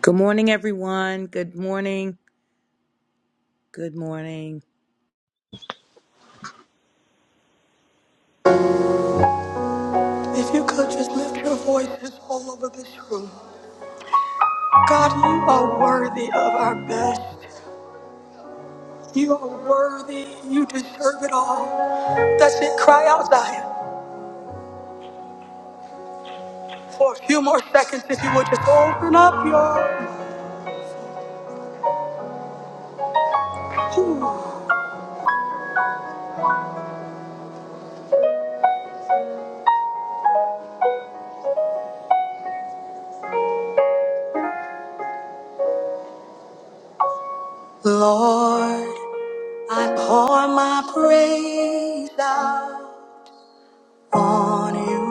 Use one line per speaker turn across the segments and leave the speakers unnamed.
Good morning, everyone. Good morning. Good morning.
If you could just lift your voices all over this room. God, you are worthy of our best. You are worthy. You deserve it all. That's it. Cry out, Zion. For a few more seconds, if you would just open up your. Ooh. Lord, I pour my praise out on you.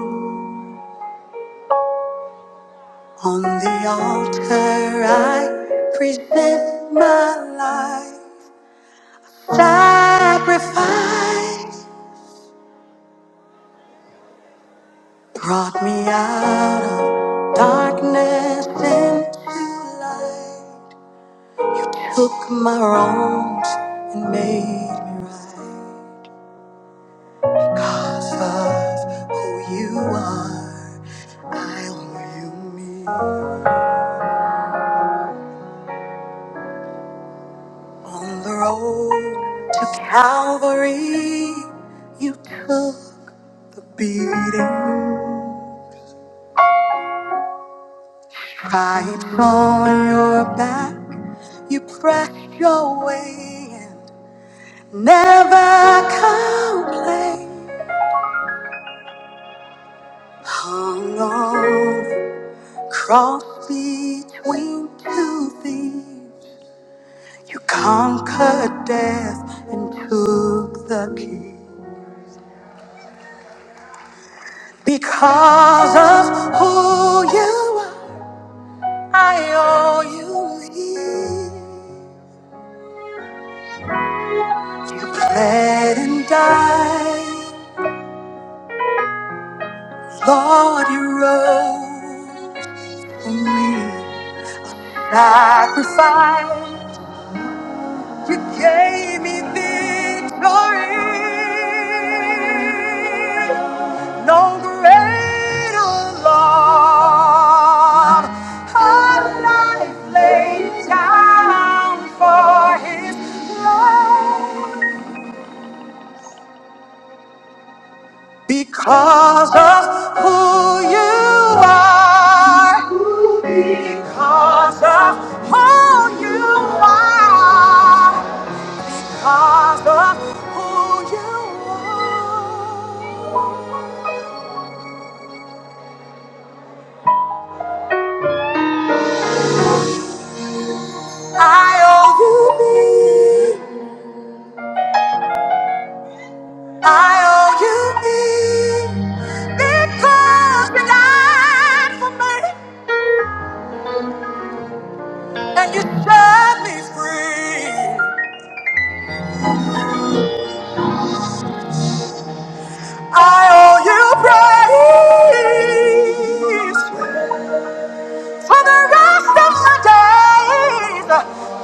On the altar, I present my life. Sacrifice. Brought me out of darkness into light. Took my wrongs and made me right. Cause of who you are, I owe you me. On the road to Calvary, you took the beating. Stripes on your back, you pressed your way in. Never complain. Hung on the cross between two thieves. You conquered death and took the key. Because of who you are, I owe you here. You bled and died. Lord, you rose for me. Sacrifice. You gave me victory. No greater love. A life laid down for His love. Because of who you are. Because of who you are. because of who you are. I owe you me. I owe you me because you died for me and you set me free. I owe you praise for the rest of my days.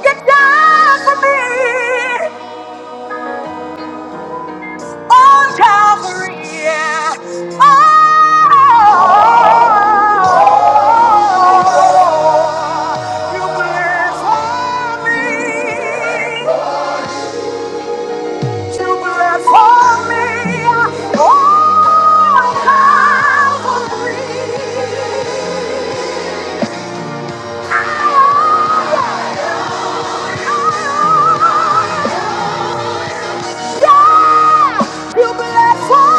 You died for me. Oh, Calvary, yeah. Oh, you bled for me. You bled for me. Oh, Calvary. Oh, Yeah, you bled for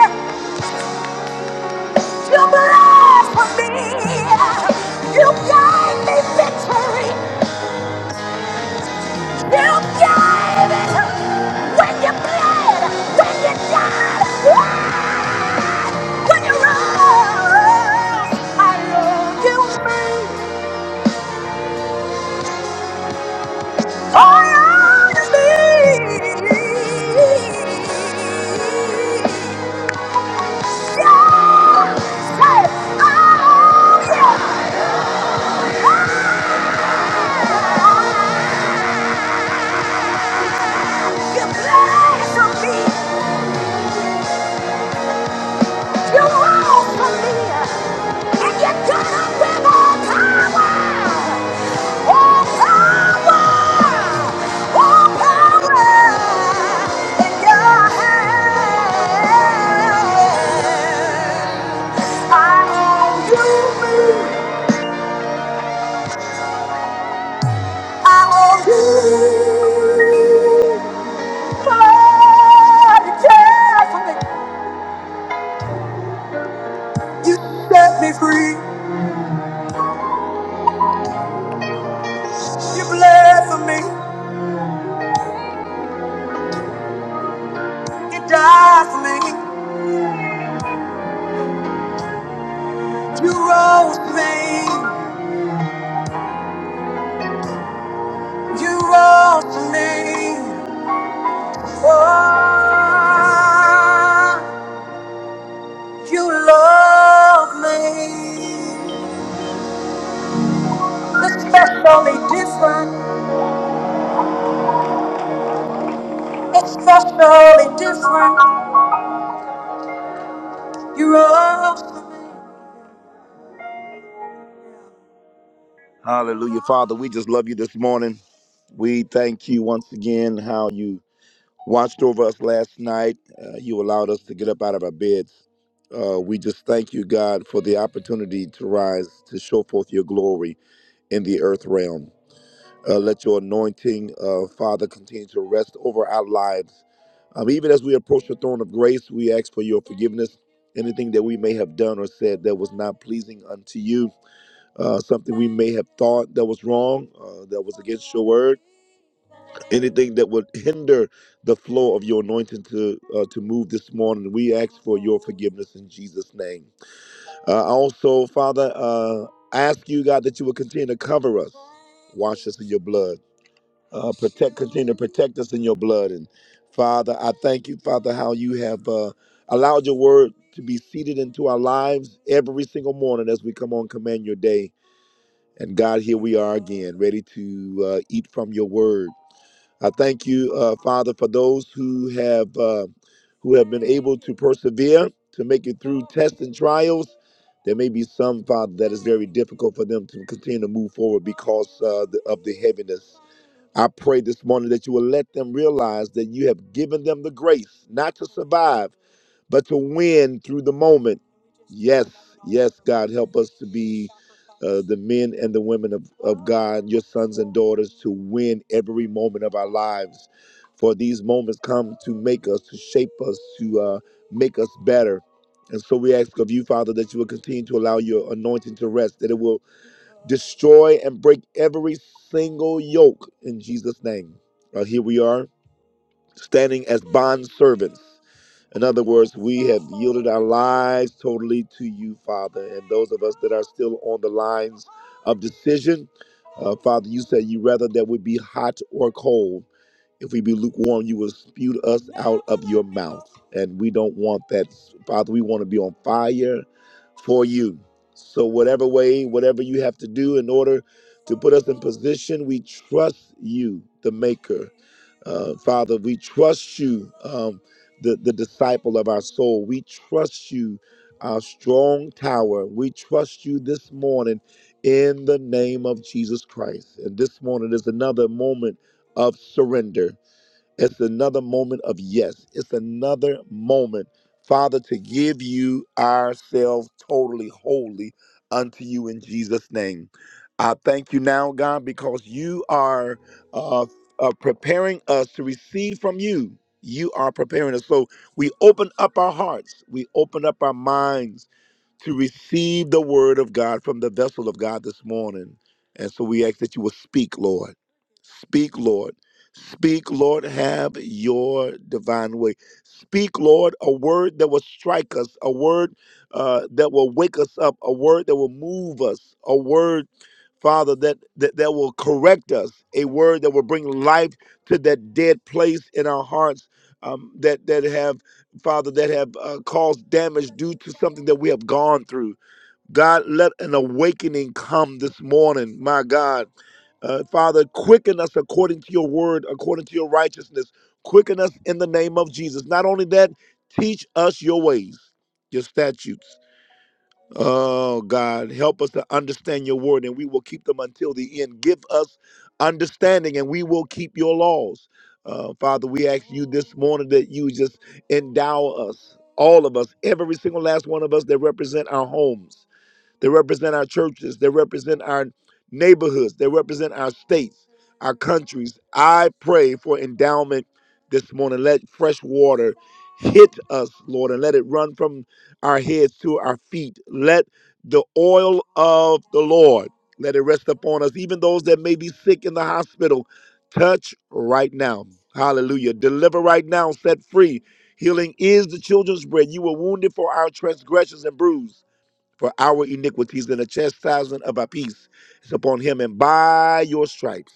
me. You bled for me. You gave me victory. You gave it when you bled, when you died, ah, when you rose. I love you, for all to me. Yeah, say, oh yeah, ah, you bled for me. You long for me, and you got up with all power, all power, all power in your hand. I owe you me, I owe you. Lord, you care for me, you set me free, you bled for me, you died for me. You rose me, you rose me. Oh, you love me. It's Especially different, It's especially different. You rose me. Hallelujah, Father. We just love you this morning. We thank you once again. How you watched over us last night. Uh, you allowed us to get up out of our beds. Uh, we just thank you, God, for the opportunity to rise to show forth your glory in the earth realm. Uh, let your anointing, uh, Father, continue to rest over our lives. Um, even as we approach the throne of grace, we ask for your forgiveness. Anything that we may have done or said that was not pleasing unto you, uh, something we may have thought that was wrong, uh, that was against your word anything that would hinder the flow of your anointing to uh, to move this morning we ask for your forgiveness in jesus name uh, also father uh, I ask you god that you will continue to cover us wash us in your blood uh, protect continue to protect us in your blood and father i thank you father how you have uh, allowed your word to be seated into our lives every single morning as we come on command your day and god here we are again ready to uh, eat from your word I thank you, uh, Father, for those who have uh, who have been able to persevere to make it through tests and trials. There may be some, Father, that is very difficult for them to continue to move forward because uh, the, of the heaviness. I pray this morning that you will let them realize that you have given them the grace not to survive but to win through the moment. Yes, yes, God, help us to be uh, the men and the women of, of God, your sons and daughters, to win every moment of our lives. For these moments come to make us, to shape us, to uh, make us better. And so we ask of you, Father, that you will continue to allow your anointing to rest, that it will destroy and break every single yoke in Jesus' name. Uh, here we are, standing as bond servants in other words, we have yielded our lives totally to you, Father. And those of us that are still on the lines of decision, uh, Father, you said you rather that we be hot or cold. If we be lukewarm, you will spew us out of your mouth. And we don't want that. Father, we want to be on fire for you. So, whatever way, whatever you have to do in order to put us in position, we trust you, the maker. Uh, Father, we trust you, um, the, the disciple of our soul. We trust you, our strong tower. We trust you this morning in the name of Jesus Christ. And this morning is another moment of surrender it's another moment of yes. It's another moment, Father, to give you ourselves totally, wholly unto you in Jesus' name. I thank you now, God, because you are uh, uh, preparing us to receive from you. You are preparing us. So we open up our hearts, we open up our minds to receive the word of God from the vessel of God this morning. And so we ask that you will speak, Lord. Speak, Lord Speak, Lord, have your divine way. Speak, Lord, a word that will strike us, a word uh, that will wake us up, a word that will move us, a word, Father, that, that, that will correct us, a word that will bring life to that dead place in our hearts um, that, that have, Father, that have uh, caused damage due to something that we have gone through. God, let an awakening come this morning, my God. Uh, Father, quicken us according to your word, according to your righteousness. Quicken us in the name of Jesus. Not only that, teach us your ways, your statutes. Oh, God, help us to understand your word and we will keep them until the end. Give us understanding and we will keep your laws. Uh, Father, we ask you this morning that you just endow us, all of us, every single last one of us that represent our homes they represent our churches. They represent our neighborhoods. They represent our states, our countries. I pray for endowment this morning. Let fresh water hit us, Lord, and let it run from our heads to our feet. Let the oil of the Lord let it rest upon us, even those that may be sick in the hospital. Touch right now. Hallelujah. Deliver right now. Set free. Healing is the children's bread. You were wounded for our transgressions and bruised. For our iniquities and the chastisement of our peace is upon him, and by your stripes.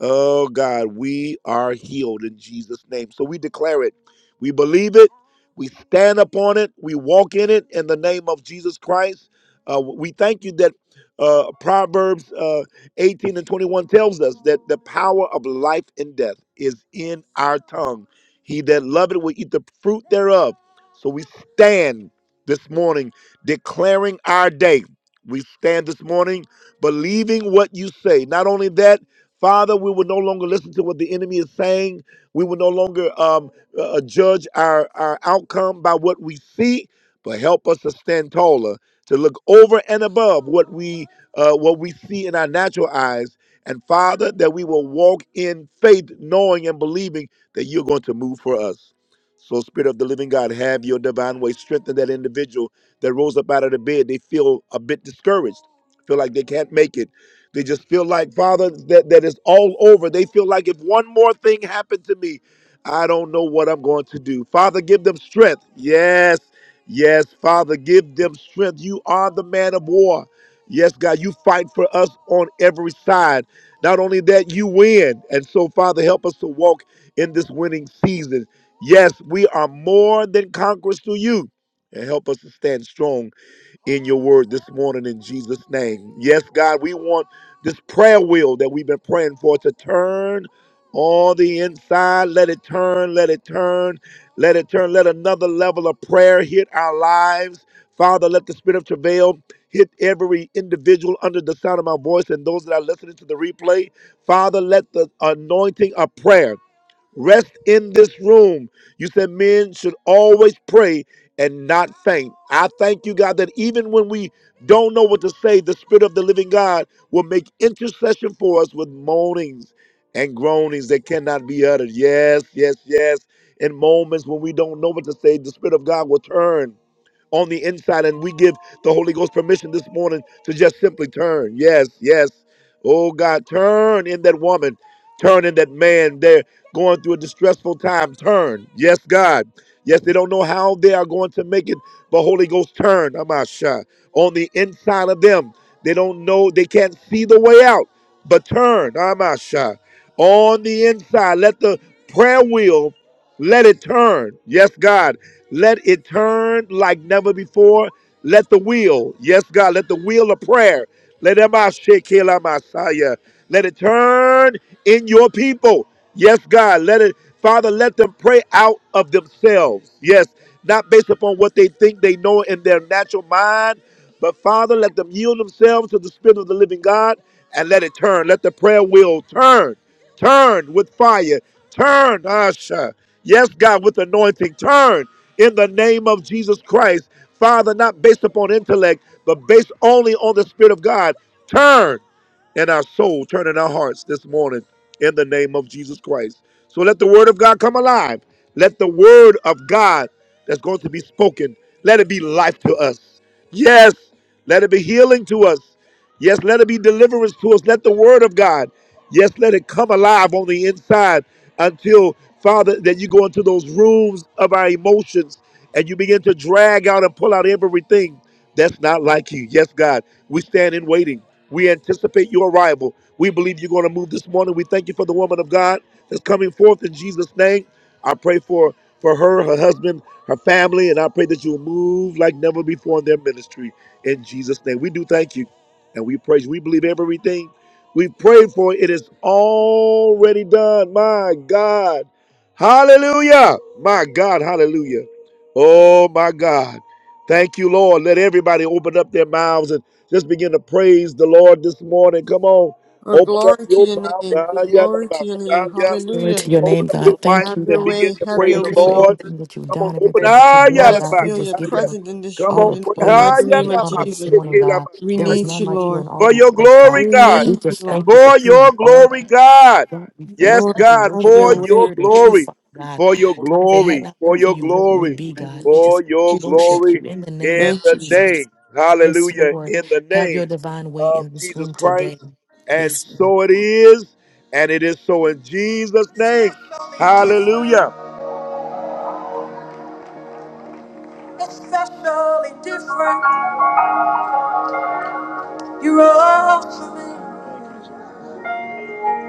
Oh God, we are healed in Jesus' name. So we declare it. We believe it. We stand upon it. We walk in it in the name of Jesus Christ. Uh, we thank you that uh, Proverbs uh, 18 and 21 tells us that the power of life and death is in our tongue. He that loveth will eat the fruit thereof. So we stand this morning declaring our day. We stand this morning believing what you say. Not only that, Father, we will no longer listen to what the enemy is saying. We will no longer um, uh, uh, judge our, our outcome by what we see, but help us to stand taller, to look over and above what we uh, what we see in our natural eyes. And Father, that we will walk in faith, knowing and believing that you're going to move for us. So, Spirit of the Living God, have your divine way. Strengthen that individual that rose up out of the bed. They feel a bit discouraged, feel like they can't make it they just feel like, Father, that, that is all over. They feel like if one more thing happened to me, I don't know what I'm going to do. Father, give them strength. Yes, yes, Father, give them strength. You are the man of war. Yes, God, you fight for us on every side. Not only that, you win. And so, Father, help us to walk in this winning season. Yes, we are more than conquerors to you. And help us to stand strong in your word this morning in Jesus' name. Yes, God, we want this prayer wheel that we've been praying for to turn on the inside. Let it turn, let it turn, let it turn. Let another level of prayer hit our lives. Father, let the spirit of travail hit every individual under the sound of my voice and those that are listening to the replay. Father, let the anointing of prayer Rest in this room. You said men should always pray and not faint. I thank you, God, that even when we don't know what to say, the Spirit of the living God will make intercession for us with moanings and groanings that cannot be uttered. Yes, yes, yes. In moments when we don't know what to say, the Spirit of God will turn on the inside. And we give the Holy Ghost permission this morning to just simply turn. Yes, yes. Oh God, turn in that woman, turn in that man. They're going through a distressful time. Turn. Yes, God. Yes, they don't know how they are going to make it, but Holy Ghost turn, Amasha, on the inside of them. They don't know, they can't see the way out, but turn, Amasha, on the inside. Let the prayer wheel, let it turn. Yes, God. Let it turn like never before. Let the wheel, yes, God, let the wheel of prayer, let Amasha, Kela Masaya. let it turn in your people. Yes, God, let it, Father, let them pray out of themselves. Yes, not based upon what they think they know in their natural mind. But Father, let them yield themselves to the Spirit of the living God and let it turn. Let the prayer wheel turn, turn with fire, turn, Asha. Yes, God, with anointing, turn in the name of Jesus Christ. Father, not based upon intellect, but based only on the Spirit of God. Turn and our soul, turning our hearts this morning in the name of Jesus Christ. So let the word of God come alive. Let the word of God that's going to be spoken, let it be life to us. Yes, let it be healing to us. Yes, let it be deliverance to us. Let the word of God, yes, let it come alive on the inside until, Father, that you go into those rooms of our emotions and you begin to drag out and pull out everything. That's not like you. Yes, God, we stand in waiting. We anticipate your arrival. We believe you're going to move this morning. We thank you for the woman of God that's coming forth in Jesus' name. I pray for, for her, her husband, her family, and I pray that you will move like never before in their ministry in Jesus' name. We do thank you and we praise you. We believe everything we prayed for. It is already done. My God. Hallelujah. My God. Hallelujah. Oh, my God. Thank you, Lord. Let everybody open up their mouths and just begin to praise the Lord this morning. Come on,
Oh,
open up
glory to
your
your
mouth.
name.
Hallelujah.
Ah, yeah, nah,
Glory
nah,
to your
In the
ah,
name.
name of
yeah.
Jesus,
Glory
Hallelujah.
to
Come
your
open
name,
up your
God.
Lord,
mic
Thank
Have
you,
and
your
God.
begin
way.
to
Have
praise
your
praise
Thank
the
you
way,
for
Lord.
Lord.
you
everything that you've
Come
for
on,
done,
the
open.
prayer,
everything that you're
Ah, yeah,
Let
doing,
nah,
us
God.
nah,
We
feel
just
your
ah,
give
yeah.
you
presence in this
Come
all
Lord.
room.
on,
the
In the
pra- ah,
mighty
praise
yeah,
and
name
the
Set
nah,
of
nah,
honor
ah,
free
this
and
Jesus.
deliver
morning,
yeah, nah,
God.
We
nah,
There
your
ah,
word.
is
need
yeah.
none
you,
like you in
Lord.
all
for
the
your
Thank
earth, God.
glory,
We
you,
God
praise
We
need you,
just
you, God.
thank
Lord.
you
Thank
for
for
who
your
you are,
glory, God.
God. We thank
Yes,
you
Lord,
that we
God,
have
you,
worship you
your
for
God.
in
way.
your
spirit and truth,
glory,
Father God.
for your
Lord,
God, if it had
glory,
not
for
been for
your
you, where would
in
we
glory,
be,
the name
God?
of
We
Jesus.
for
just
your
worship you
glory
in the name
in
of
Thank
the
you, Jesus.
Jesus.
name,
Yes,
hallelujah,
Lord.
in the
Have your
name
divine way
of
in this
Jesus
room today.
Christ. And
Yes, Lord.
so it is, and it is so in Jesus' name, hallelujah. Especially different. You're awesome.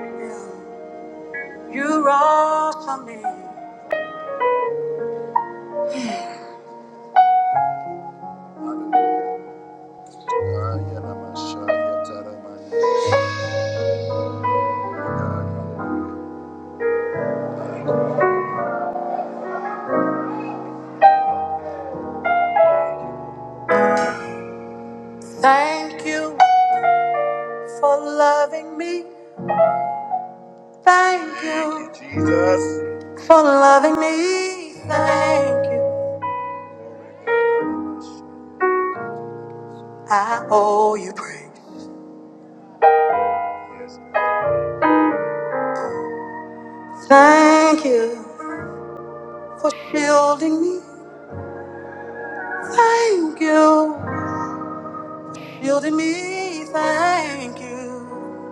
Yeah. You're awesome. Thank you for loving me. Thank you, Jesus, for loving me. Thank you. I owe you praise. Thank you for shielding me. Thank you, shielding me. Thank you.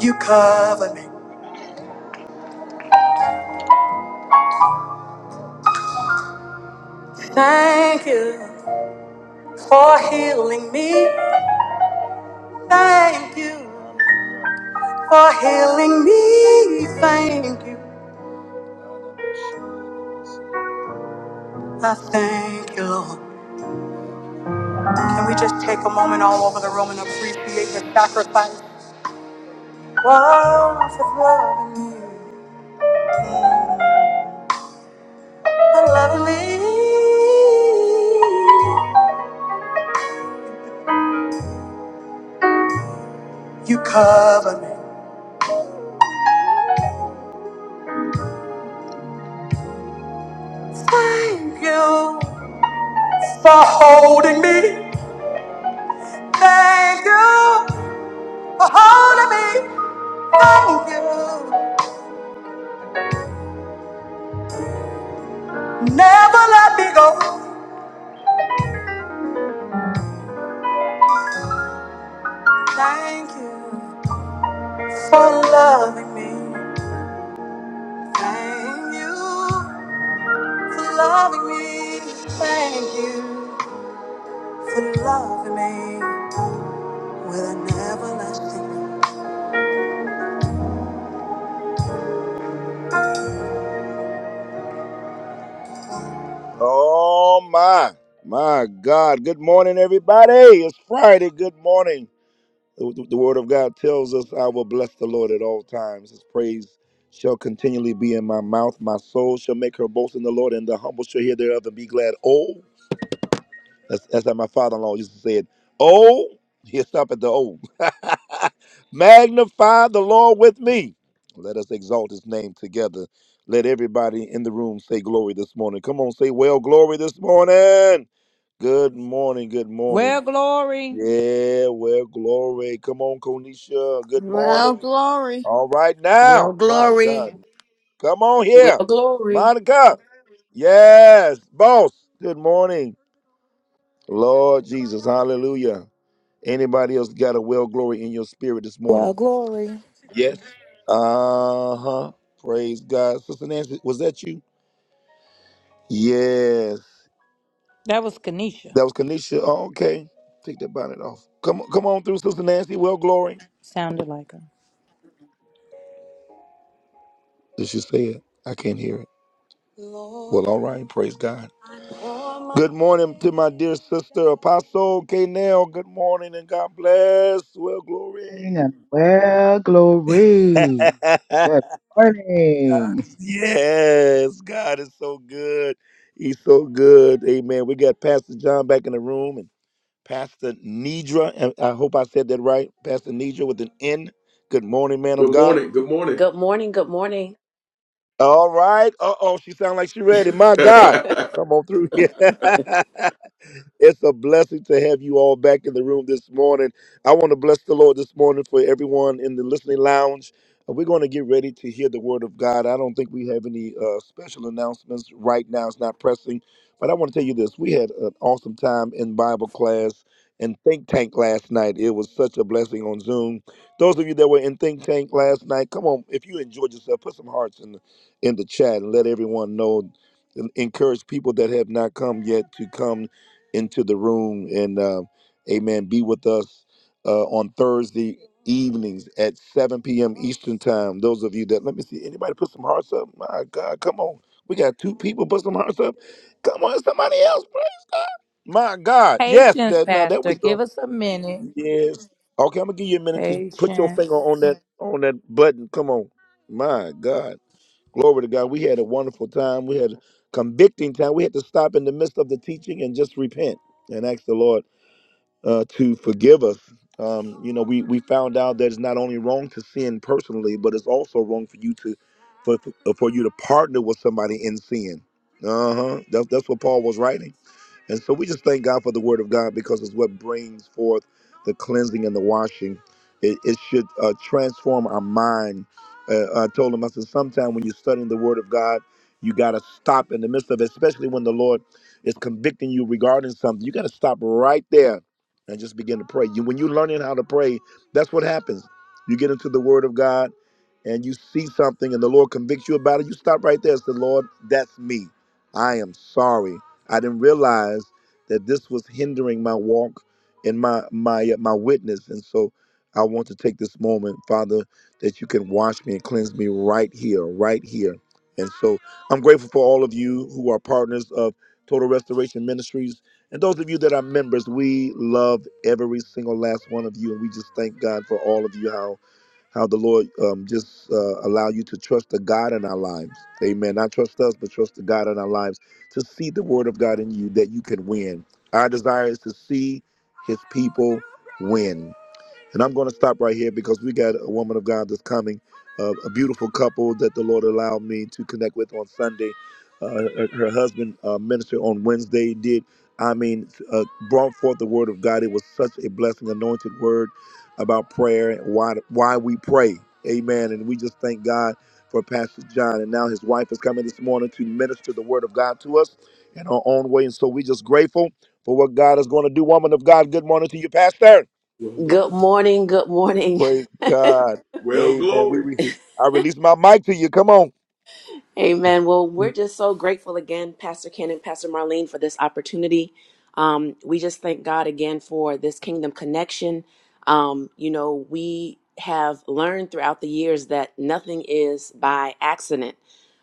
You cover me. Thank you for healing me. Thank you for healing me. Thank you. I thank you, Lord. Can we just take a moment all over the room and appreciate the sacrifice? Wow, for loving me, for loving me. You cover me. Thank you for holding me. Thank you for holding me. Thank you. Never let me go. Thank you for loving me. Thank you. for loving me. Thank you for loving me with an everlasting. Oh my, my God! Good morning, everybody. It's Friday. Good morning. The, the- Word of God tells us, "I will bless the Lord at all times. His praise." Shall continually be in my mouth. My soul shall make her boast in the Lord, and the humble shall hear thereof and be glad. Oh. That's, that's how my father-in-law used to say it. Oh, he'll stop at the oh. Magnify the Lord with me. Let us exalt his name together. Let everybody in the room say glory this morning. Come on, say well glory this morning. Good morning, good morning.
Well, Glory,
Yeah, well glory. Come on, Konisha. Good
Well,
morning.
glory.
All right now.
Well,
My
glory.
God. Come on
Well,
here.
glory.
Monica. Yes, boss. Good morning. Lord Jesus, hallelujah. Anybody else got a well glory in your spirit this
Well,
morning?
glory.
Yes. Uh huh. Praise God. Sister Nancy, was that you? Yes.
that was Kanisha.
That was Kanisha. Oh, okay. Take that bonnet off. Come on, come on through, Sister Nancy. Well glory.
Sounded like her.
Did she say it? I can't hear it. Well, all right. Praise God. Good morning to my dear sister, Apostle K. Nell. Good morning and God bless. Well glory.
Amen. Well, glory. Good
God
morning.
is- Yes, God is so good. He's so good. Amen. We got Pastor John back in the room and Pastor Nidra. And I hope I said that right. Pastor Nidra with an N. Good morning, man of
Good
God.
morning. Good morning. Good morning. Good morning.
All right. Uh oh, she sounds like she ready. My God, come on through here. it's a blessing to have you all back in the room this morning. I want to bless the Lord this morning for everyone in the listening lounge. Uh, We're going to get ready to hear the word of God. I don't think we have any uh, special announcements right now. It's not pressing, but I want to tell you this: we had an awesome time in Bible class and think tank last night. It was such a blessing on Zoom. Those of you that were in think tank last night, come on! If you enjoyed yourself, put some hearts in there in the chat and let everyone know and encourage people that have not come yet to come into the room and uh, amen be with us uh, on thursday evenings at 7 p.m eastern time those of you that let me see anybody put some hearts up my god come on we got two people put some hearts up come on somebody else praise god my god yes
Patience,
that now there
Pastor.
we
Give
go
us a minute.
yes okay i'm gonna give you a minute to put your finger on
Patience.
that on that button come on my god Glory to God. We had a wonderful time. We had a convicting time. We had to stop in the midst of the teaching and just repent and ask the Lord uh, to forgive us. Um, you know, we, we found out that it's not only wrong to sin personally, but it's also wrong for you to for for you to partner with somebody in sin. Uh huh. That's that's what Paul was writing. And so we just thank God for the word of God because it's what brings forth the cleansing and the washing. It, it should uh, transform our mind. Uh, I told him, I said, sometime when you're studying the word of God, you got to stop in the midst of it, especially when the Lord is convicting you regarding something. You got to stop right there and just begin to pray. You, when you're learning how to pray, that's what happens. You get into the word of God and you see something and the Lord convicts you about it. You stop right there and say, Lord, that's me. I am sorry. I didn't realize that this was hindering my walk and my my uh, my witness. And so I want to take this moment, Father, that you can wash me and cleanse me right here, right here. And so I'm grateful for all of you who are partners of Total Restoration Ministries. And those of you that are members, we love every single last one of you. And we just thank God for all of you, how how the Lord um, just uh, allow you to trust the God in our lives. Amen. Not trust us, but trust the God in our lives to see the word of God in you that you can win. Our desire is to see his people win. And I'm going to stop right here because we got a woman of God that's coming, uh, a beautiful couple that the Lord allowed me to connect with on Sunday. Uh, her, her husband uh, ministered on Wednesday. Did I mean uh, brought forth the word of God? It was such a blessing, anointed word about prayer and why why we pray. Amen. And we just thank God for Pastor John. And now his wife is coming this morning to minister the word of God to us in our own way. And so we just grateful for what God is going to do. Woman of God, good morning to you, Pastor.
Well, Good morning. Good morning.
Praise God.
well,
Amen. We
glory.
re- I release my mic to you. Come on.
Amen. Well, we're just so grateful again, Pastor Ken and Pastor Marlene, for this opportunity. Um, we just thank God again for this kingdom connection. Um, you know, we have learned throughout the years that nothing is by accident,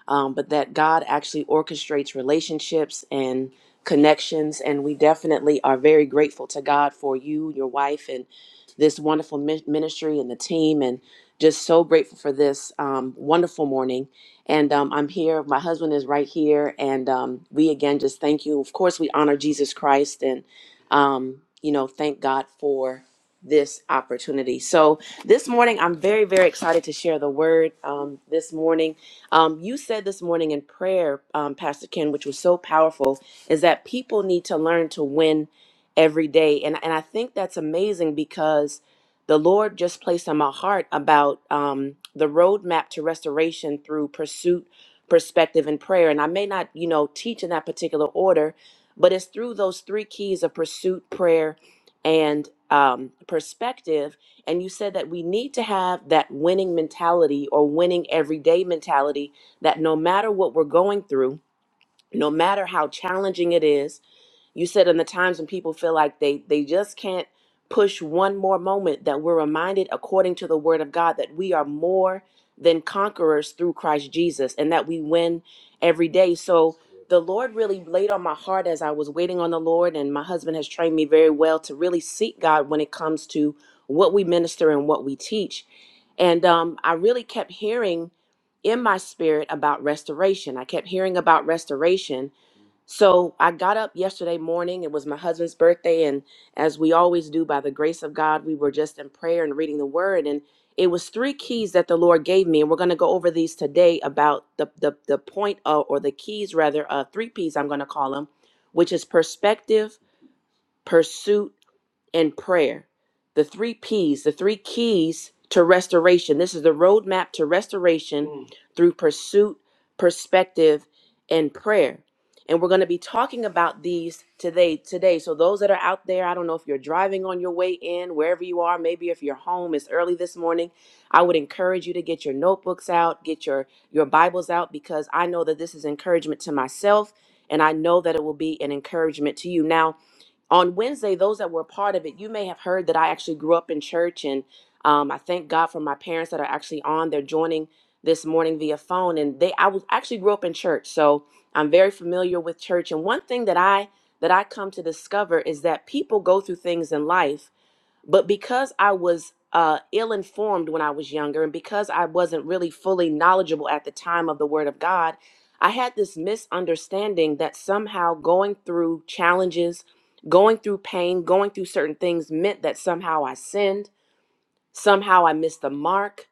um, but that God actually orchestrates relationships and connections. And we definitely are very grateful to God for you, your wife, and this wonderful mi- ministry and the team, and just so grateful for this um, wonderful morning. And um, I'm here. My husband is right here. And um, we again just thank you. Of course, we honor Jesus Christ and, um, you know, thank God for this opportunity. So this morning, I'm very, very excited to share the word um, this morning. Um, you said this morning in prayer, um, Pastor Ken, which was so powerful, is that people need to learn to win every day. And, and I think that's amazing because the Lord just placed on my heart about um, the roadmap to restoration through pursuit, perspective, and prayer. And I may not, you know, teach in that particular order, but it's through those three keys of pursuit, prayer, and um, perspective. And you said that we need to have that winning mentality or winning everyday mentality that no matter what we're going through, no matter how challenging it is, you said in the times when people feel like they they just can't push one more moment that we're reminded according to the word of God that we are more than conquerors through Christ Jesus and that we win every day. So the Lord really laid on my heart as I was waiting on the Lord and my husband has trained me very well to really seek God when it comes to what we minister and what we teach. And um, I really kept hearing in my spirit about restoration. I kept hearing about restoration so I got up yesterday morning. It was my husband's birthday. And as we always do, by the grace of God, we were just in prayer and reading the word. And it was three keys that the Lord gave me. And we're going to go over these today about the, the, the point of, or the keys rather, uh, three P's I'm going to call them, which is perspective, pursuit, and prayer. The three P's, the three keys to restoration. This is the roadmap to restoration Mm. through pursuit, perspective, and prayer. And we're going to be talking about these today. Today, so those that are out there, I don't know if you're driving on your way in, wherever you are, maybe if you're home, it's early this morning. I would encourage you to get your notebooks out, get your your Bibles out, because I know that this is encouragement to myself, and I know that it will be an encouragement to you. Now, on Wednesday, those that were a part of it, you may have heard that I actually grew up in church, and um, I thank God for my parents that are actually on. They're joining this morning via phone, and they I was actually grew up in church, so I'm very familiar with church. And one thing that I that I come to discover is that people go through things in life but because I was uh, ill informed when I was younger, and because I wasn't really fully knowledgeable at the time of the Word of God, I had this misunderstanding that somehow going through challenges, going through pain, going through certain things meant that somehow I sinned, somehow I missed the mark,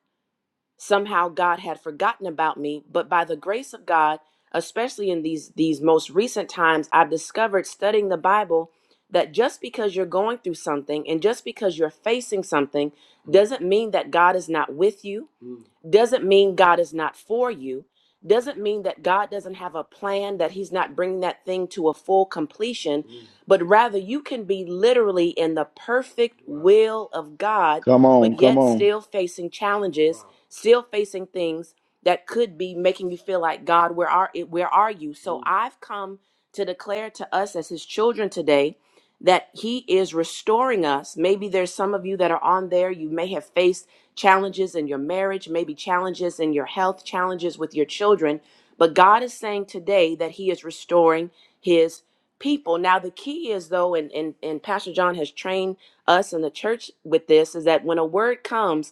somehow God had forgotten about me, but by the grace of God, especially in these these most recent times, I've discovered studying the Bible that just because you're going through something and just because you're facing something doesn't mean that God is not with you, Mm. doesn't mean God is not for you, doesn't mean that God doesn't have a plan that he's not bringing that thing to a full completion, Mm. but rather you can be literally in the perfect Wow. will of God
Come.
but yet still facing challenges Wow still facing things that could be making you feel like God, where are where are you? So I've come to declare to us as His children today that He is restoring us. Maybe there's some of you that are on there. You may have faced challenges in your marriage, maybe challenges in your health, challenges with your children. But God is saying today that He is restoring His people. Now, the key is, though, and, and, and Pastor John has trained us in the church with this, is that when a word comes,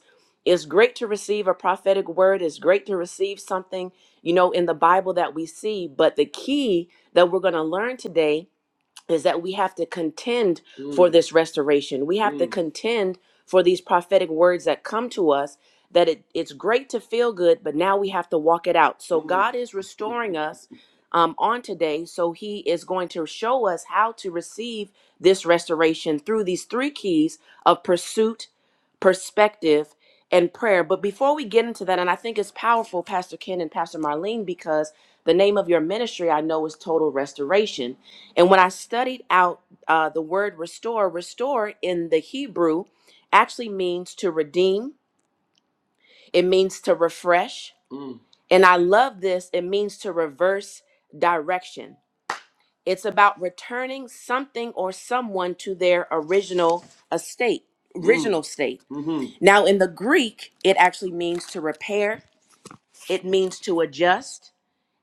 it's great to receive a prophetic word. It's great to receive something, you know, in the Bible that we see. But the key that we're going to learn today is that we have to contend Mm. for Mm. this restoration. We have to Mm. contend for these prophetic words that come to us that it, it's great to feel good, but now we have to walk it out. So Mm. God is restoring us um, on today. So he is going to show us how to receive this restoration through these three keys of pursuit, perspective, and prayer. But before we get into that, and I think it's powerful, Pastor Ken and Pastor Marlene, because the name of your ministry I know is Total Restoration. And when I studied out uh, the word restore, restore in the Hebrew actually means to redeem, it means to refresh. Mm. And I love this, it means to reverse direction. It's about returning something or someone to their original estate, Mm. original state. Mhm. Now, in the Greek, it actually means to repair, it means to adjust,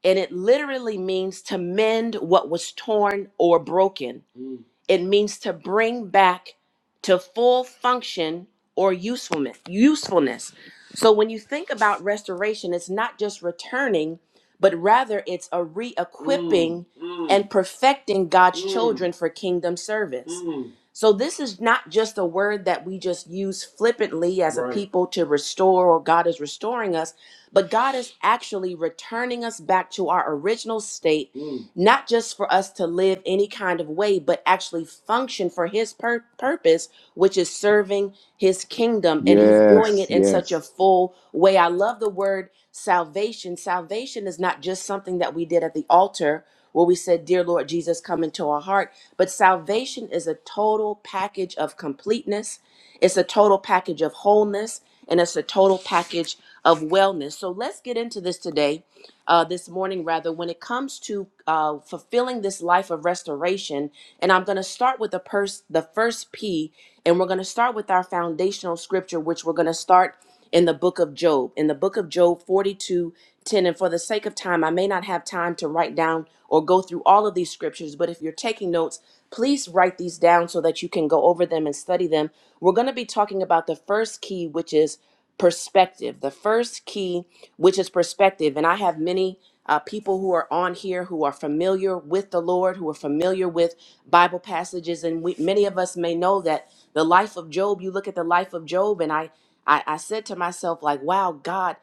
and it literally means to mend what was torn or broken. Mm. It means to bring back to full function or usefulness. Usefulness. So when you think about restoration, it's not just returning, but rather it's a re-equipping Mm, mm. and perfecting God's Mm. children for kingdom service. Mm. So this is not just a word that we just use flippantly as a Right. people to restore or God is restoring us but God is actually returning us back to our original state, Mm. not just for us to live any kind of way, but actually function for His pur- purpose, which is serving His kingdom. And He's doing
Yes,
it Yes. in such a
yes.
full way. I love the word salvation. Salvation is not just something that we did at the altar where we said, Dear Lord Jesus, come into our heart. But salvation is a total package of completeness. It's a total package of wholeness and it's a total package of wellness. So let's get into this today uh, this morning, rather, when it comes to uh, fulfilling this life of restoration. And I'm going to start with the, pers- the first P, and we're going to start with our foundational scripture, which we're going to start in the book of Job, in the book of Job 42 10. And for the sake of time, I may not have time to write down or go through all of these scriptures, but if you're taking notes, please write these down so that you can go over them and study them. We're going to be talking about the first key, which is perspective. The first key, which is perspective, and I have many uh, people who are on here who are familiar with the Lord, who are familiar with Bible passages, and we, many of us may know that the life of Job. You look at the life of Job, and I, I, I said to myself, like, wow, God,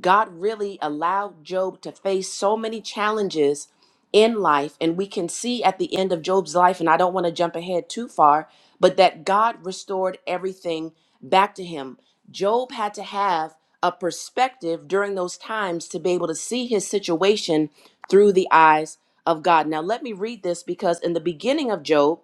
God really allowed Job to face so many challenges in life. And we can see at the end of Job's life, and I don't want to jump ahead too far, but that God restored everything back to him. Job had to have a perspective during those times to be able to see his situation through the eyes of God. Now, let me read this because in the beginning of Job,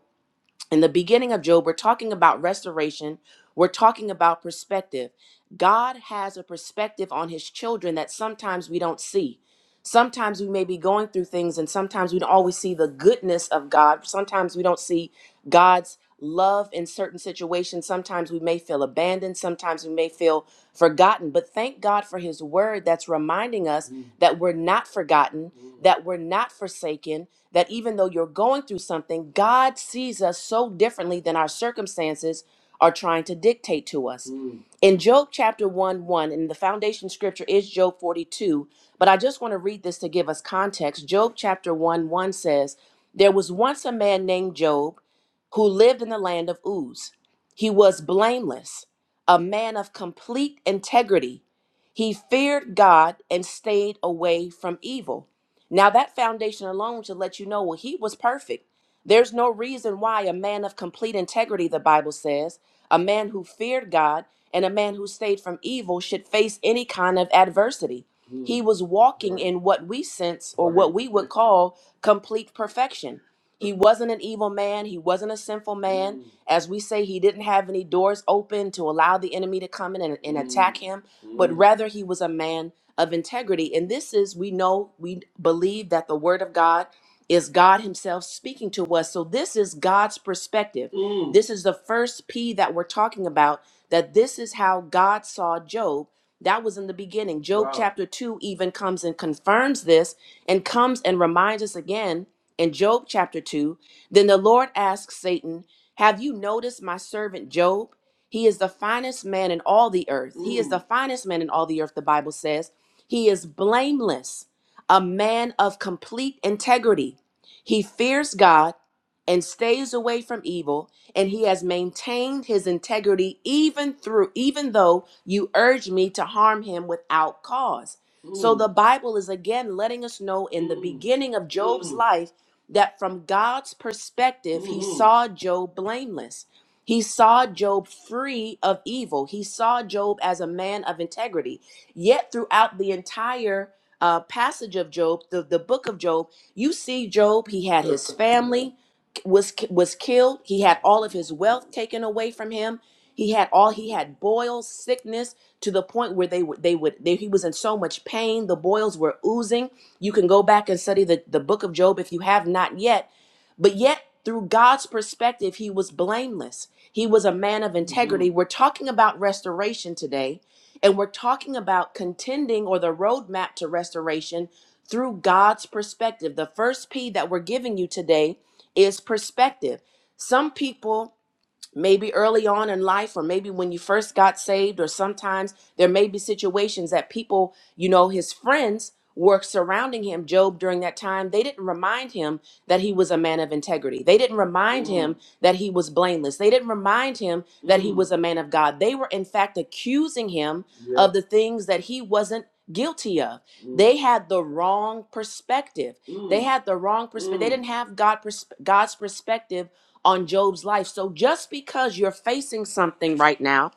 in the beginning of Job, we're talking about restoration. We're talking about perspective. God has a perspective on his children that sometimes we don't see. Sometimes we may be going through things, and sometimes we don't always see the goodness of God. Sometimes we don't see God's love in certain situations. Sometimes we may feel abandoned. Sometimes we may feel forgotten. But thank God for his word that's reminding us Mm. that we're not forgotten, Mm. that we're not forsaken, that even though you're going through something, God sees us so differently than our circumstances are trying to dictate to us. Mm. In Job chapter 1 1, and the foundation scripture is Job 42, but I just want to read this to give us context. Job chapter 1 1 says, There was once a man named Job who lived in the land of Uz. He was blameless, a man of complete integrity. He feared God and stayed away from evil. Now, that foundation alone should let you know well, he was perfect. There's no reason why a man of complete integrity, the Bible says, a man who feared God and a man who stayed from evil should face any kind of adversity. Hmm. He was walking Right. in what we sense or Right. what we would call complete perfection. He wasn't an evil man. He wasn't a sinful man. Hmm. As we say, he didn't have any doors open to allow the enemy to come in and, and Hmm. attack him, but Hmm. rather he was a man of integrity. And this is, we know, we believe that the word of God is God Himself speaking to us. So this is God's perspective. Mm. This is the first P that we're talking about, that this is how God saw Job. That was in the beginning. Job Wow. chapter 2 even comes and confirms this and comes and reminds us again in Job chapter 2. Then the Lord asks Satan, Have you noticed my servant Job? He is the finest man in all the earth. He is Mm. the finest man in all the earth, the Bible says. He is blameless, a man of complete integrity. He fears God and stays away from evil, and he has maintained his integrity even through even though you urge me to harm him without cause. So Mm. the Bible is again letting us know in the Mm. beginning of Job's Mm. life that from God's perspective, he Mm. saw Job blameless. He saw Job free of evil. He saw Job as a man of integrity. Yet, throughout the entire uh, passage of Job, the, the book of Job, you see Job, he had his family was was killed. He had all of his wealth taken away from him. He had all he had boils, sickness to the point where they would they would they, he was in so much pain. The boils were oozing. You can go back and study the, the book of Job if you have not yet but yet, through God's perspective, he was blameless. He was a man of integrity. We're talking about restoration today, and we're talking about contending or the roadmap to restoration through God's perspective. The first P that we're giving you today is perspective. Some people maybe early on in life or maybe when you first got saved or sometimes there may be situations that people you know his friends were surrounding him job during that time they didn't remind him that he was a man of integrity they didn't remind him that he was blameless they didn't remind him that he was a man of god they were in fact accusing him of the things that he wasn't guilty of they had the wrong perspective they had the wrong perspective they didn't have god pers- god's perspective on Job's life. So just because you're facing something right now,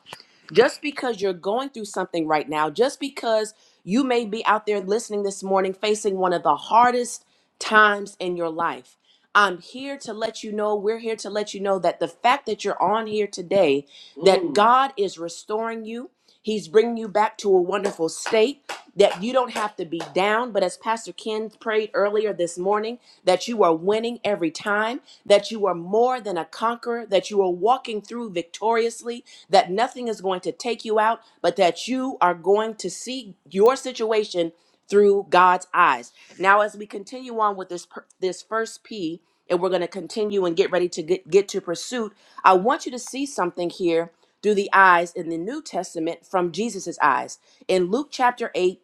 just because you're going through something right now, just because you may be out there listening this morning facing one of the hardest times in your life, I'm here to let you know, we're here to let you know that the fact that you're on here today, that Mm. God is restoring you. He's bringing you back to a wonderful state that you don't have to be down. But as Pastor Ken prayed earlier this morning, that you are winning every time that you are more than a conqueror, that you are walking through victoriously, that nothing is going to take you out, but that you are going to see your situation through God's eyes. Now, as we continue on with this per- this first P, and we're going to continue and get ready to get, get to pursuit, I want you to see something here through the eyes in the New Testament from Jesus's eyes. In Luke chapter 8,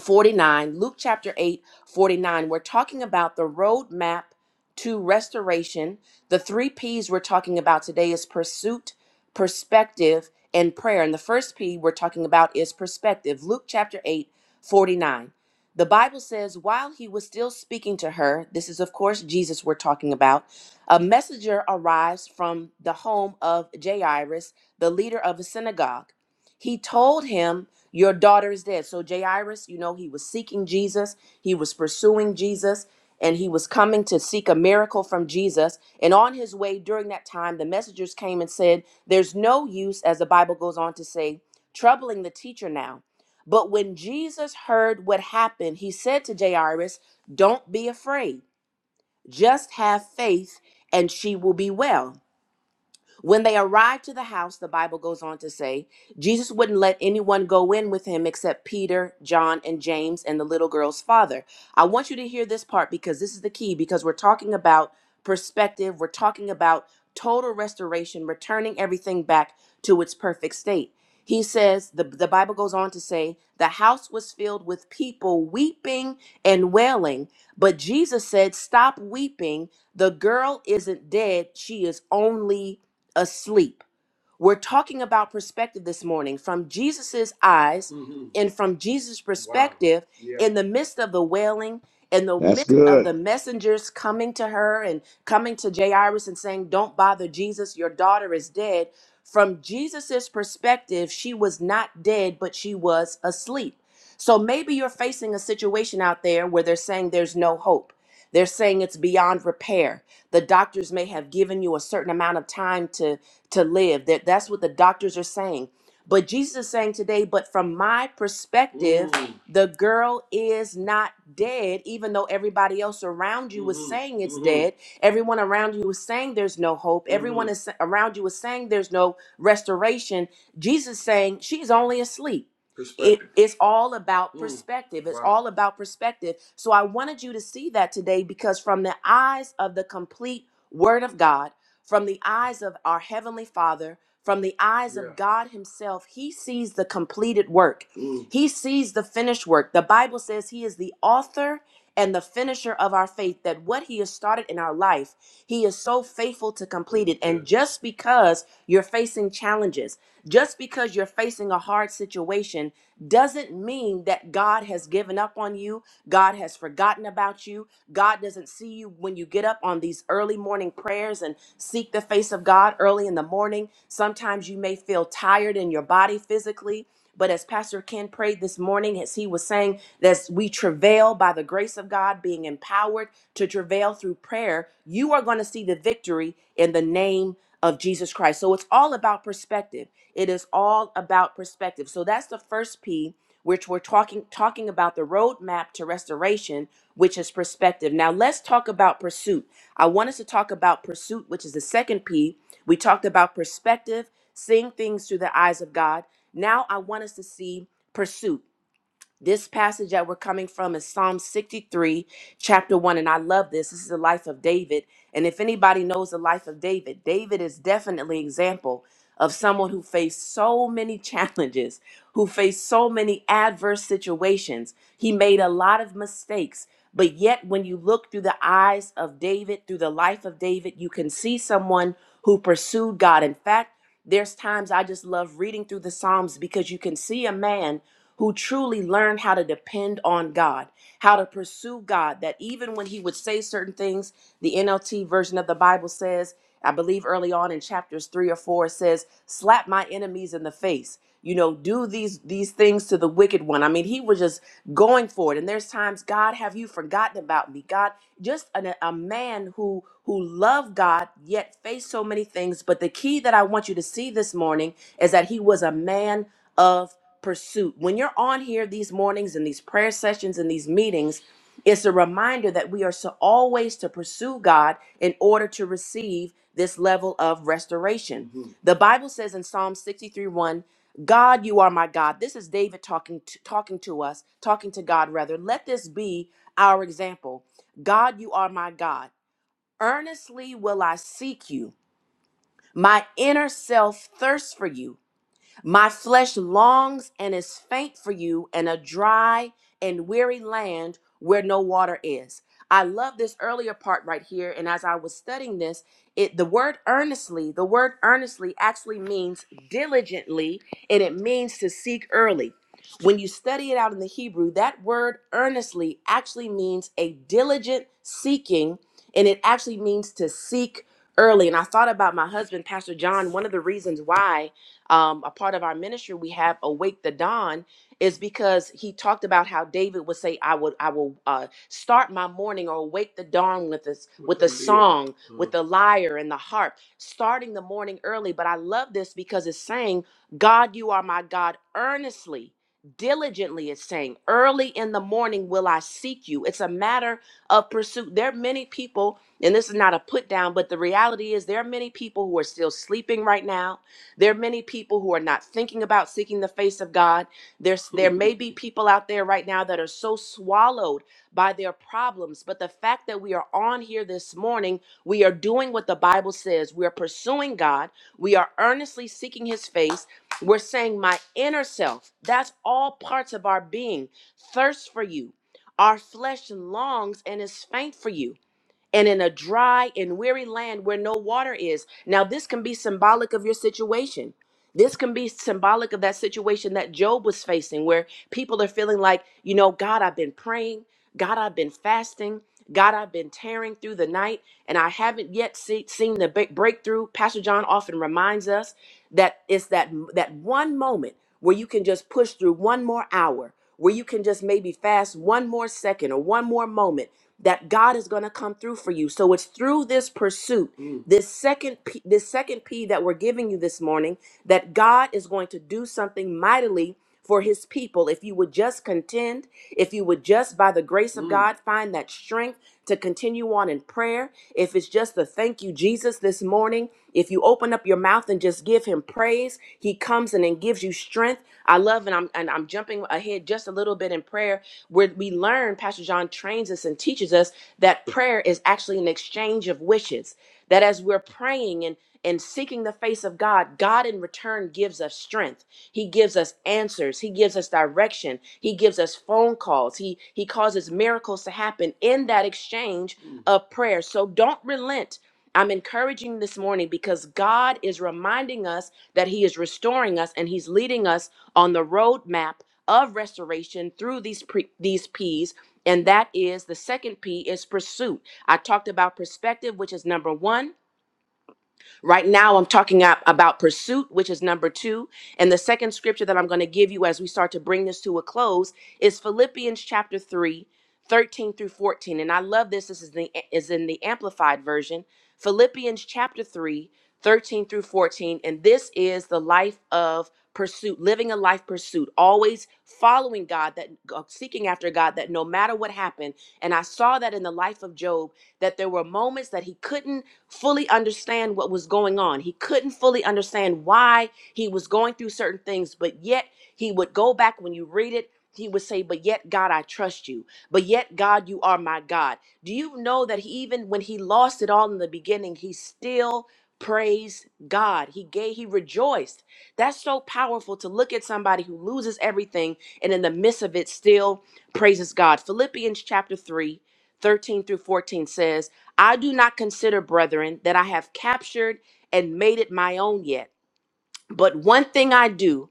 49, Luke chapter 8, 49. We're talking about the roadmap to restoration. The three P's we're talking about today is pursuit, perspective, and prayer. And the first P we're talking about is perspective. Luke chapter 8, 49. The Bible says, while he was still speaking to her, this is, of course, Jesus we're talking about, a messenger arrives from the home of Jairus, the leader of a synagogue. He told him, Your daughter is dead. So Jairus, you know, he was seeking Jesus, he was pursuing Jesus, and he was coming to seek a miracle from Jesus. And on his way during that time, the messengers came and said, There's no use, as the Bible goes on to say, troubling the teacher now. But when Jesus heard what happened, he said to Jairus, Don't be afraid, just have faith, and she will be well. When they arrived to the house, the Bible goes on to say, Jesus wouldn't let anyone go in with him except Peter, John, and James, and the little girl's father. I want you to hear this part because this is the key, because we're talking about perspective, we're talking about total restoration, returning everything back to its perfect state. He says, the, the Bible goes on to say, the house was filled with people weeping and wailing, but Jesus said, Stop weeping. The girl isn't dead, she is only asleep. We're talking about perspective this morning from Jesus's eyes Mhm. and from Jesus' Wow. perspective Wow. Yeah. in the midst of the wailing, in the
That's
midst of
good.
the messengers coming to her and coming to Jairus and saying, Don't bother Jesus, your daughter is dead. From Jesus's perspective, she was not dead, but she was asleep. So maybe you're facing a situation out there where they're saying there's no hope. They're saying it's beyond repair. The doctors may have given you a certain amount of time to to live. That that's what the doctors are saying. But Jesus is saying today, but from my perspective, Mm. the girl is not dead, even though everybody else around you was Mhm. saying it's Mhm. dead. Everyone around you was saying there's no hope. Everyone Mhm. is around you was saying there's no restoration. Jesus is saying she's only asleep. It, Perspective. it's all about Mm. perspective. It's Wow. all about perspective. So I wanted you to see that today because, from the eyes of the complete Word of God, from the eyes of our Heavenly Father, from the eyes yeah. of Yeah. God Himself, He sees the completed work. Mm. He sees the finished work. The Bible says He is the author and the finisher of our faith, that what He has started in our life, He is so faithful to complete it. And Yeah. just because you're facing challenges, just because you're facing a hard situation, doesn't mean that God has given up on you, God has forgotten about you, God doesn't see you when you get up on these early morning prayers and seek the face of God early in the morning. Sometimes you may feel tired in your body physically. But as Pastor Ken prayed this morning, as he was saying that we travail by the grace of God, being empowered to travail through prayer, you are going to see the victory in the name of Jesus Christ. So it's all about perspective. It is all about perspective. So that's the first P which we're talking talking about the roadmap to restoration, which is perspective. Now let's talk about pursuit. I want us to talk about pursuit, which is the second P. We talked about perspective, seeing things through the eyes of God. Now I want us to see pursuit. This passage that we're coming from is Psalm 63, chapter 1. And I love this. This is the life of David. And if anybody knows the life of David, David is definitely an example of someone who faced so many challenges, who faced so many adverse situations. He made a lot of mistakes. But yet, when you look through the eyes of David, through the life of David, you can see someone who pursued God. In fact, there's times I just love reading through the Psalms because you can see a man who truly learned how to depend on God, how to pursue God, that even when he would say certain things, the NLT version of the Bible says, I believe early on in chapters 3 or 4 it says, slap my enemies in the face. You know, do these these things to the wicked one. I mean, he was just going for it. And there's times, God, have you forgotten about me? God, just an, a man who who loved God yet faced so many things. But the key that I want you to see this morning is that he was a man of pursuit. When you're on here these mornings and these prayer sessions and these meetings, it's a reminder that we are so always to pursue God in order to receive this level of restoration. Mhm. The Bible says in Psalm 63 1, God, you are my God. This is David talking to, talking to us, talking to God rather. Let this be our example. God, you are my God. Earnestly will I seek you. My inner self thirsts for you. My flesh longs and is faint for you in a dry and weary land where no water is. I love this earlier part right here. And as I was studying this, it the word earnestly, the word earnestly actually means diligently, and it means to seek early. When you study it out in the Hebrew, that word earnestly actually means a diligent seeking, and it actually means to seek early. And I thought about my husband, Pastor John, one of the reasons why um, a part of our ministry we have awake the dawn is because he talked about how david would say i would i will uh, start my morning or awake the dawn with this with a song with the lyre and the harp starting the morning early but i love this because it's saying god you are my god earnestly diligently it's saying early in the morning will i seek you it's a matter of pursuit there are many people and this is not a put down but the reality is there are many people who are still sleeping right now there are many people who are not thinking about seeking the face of God. There's there may be people out there right now that are so swallowed by their problems, but the fact that we are on here this morning, we are doing what the Bible says. We are pursuing God. We are earnestly seeking his face. We're saying my inner self, that's all parts of our being, thirsts for you. Our flesh longs and is faint for you and in a dry and weary land where no water is. Now, this can be symbolic of your situation. This can be symbolic of that situation that Job was facing, where people are feeling like, you know, God, I've been praying, God, I've been fasting, God, I've been tearing through the night, and I haven't yet see, seen the big breakthrough. Pastor John often reminds us that it's that that one moment where you can just push through one more hour, where you can just maybe fast one more second or one more moment that God is going to come through for you. So it's through this pursuit, Mm. this second P, this second P that we're giving you this morning, that God is going to do something mightily for his people. If you would just contend, if you would just by the grace of Mm. God find that strength to continue on in prayer, if it's just the thank you Jesus this morning morning, if you open up your mouth and just give him praise, he comes in and gives you strength. I love and I'm and I'm jumping ahead just a little bit in prayer where we learn Pastor John trains us and teaches us that prayer is actually an exchange of wishes. That as we're praying and and seeking the face of God, God in return gives us strength. He gives us answers. He gives us direction. He gives us phone calls. He he causes miracles to happen in that exchange Mm. of prayer. So don't relent I'm encouraging this morning because God is reminding us that He is restoring us and He's leading us on the roadmap of restoration through these pre- these P's. And that is the second P is pursuit. I talked about perspective, which is number one. Right now, I'm talking up about pursuit, which is number two. And the second scripture that I'm going to give you as we start to bring this to a close is Philippians chapter 3, 13 through 14. And I love this. This is, the, is in the Amplified Version. Philippians chapter 3, 13 through 14. And this is the life of pursuit, living a life pursuit, always following God, that uh, seeking after God, that no matter what happened. And I saw that in the life of Job, that there were moments that he couldn't fully understand what was going on. He couldn't fully understand why he was going through certain things, but yet he would go back when you read it. He would say, But yet, God, I trust you. But yet, God, you are my God. Do you know that he, even when he lost it all in the beginning, he still praised God? He gave, he rejoiced. That's so powerful to look at somebody who loses everything and in the midst of it still praises God. Philippians chapter 3, 13 through 14 says, I do not consider, brethren, that I have captured and made it my own yet. But one thing I do,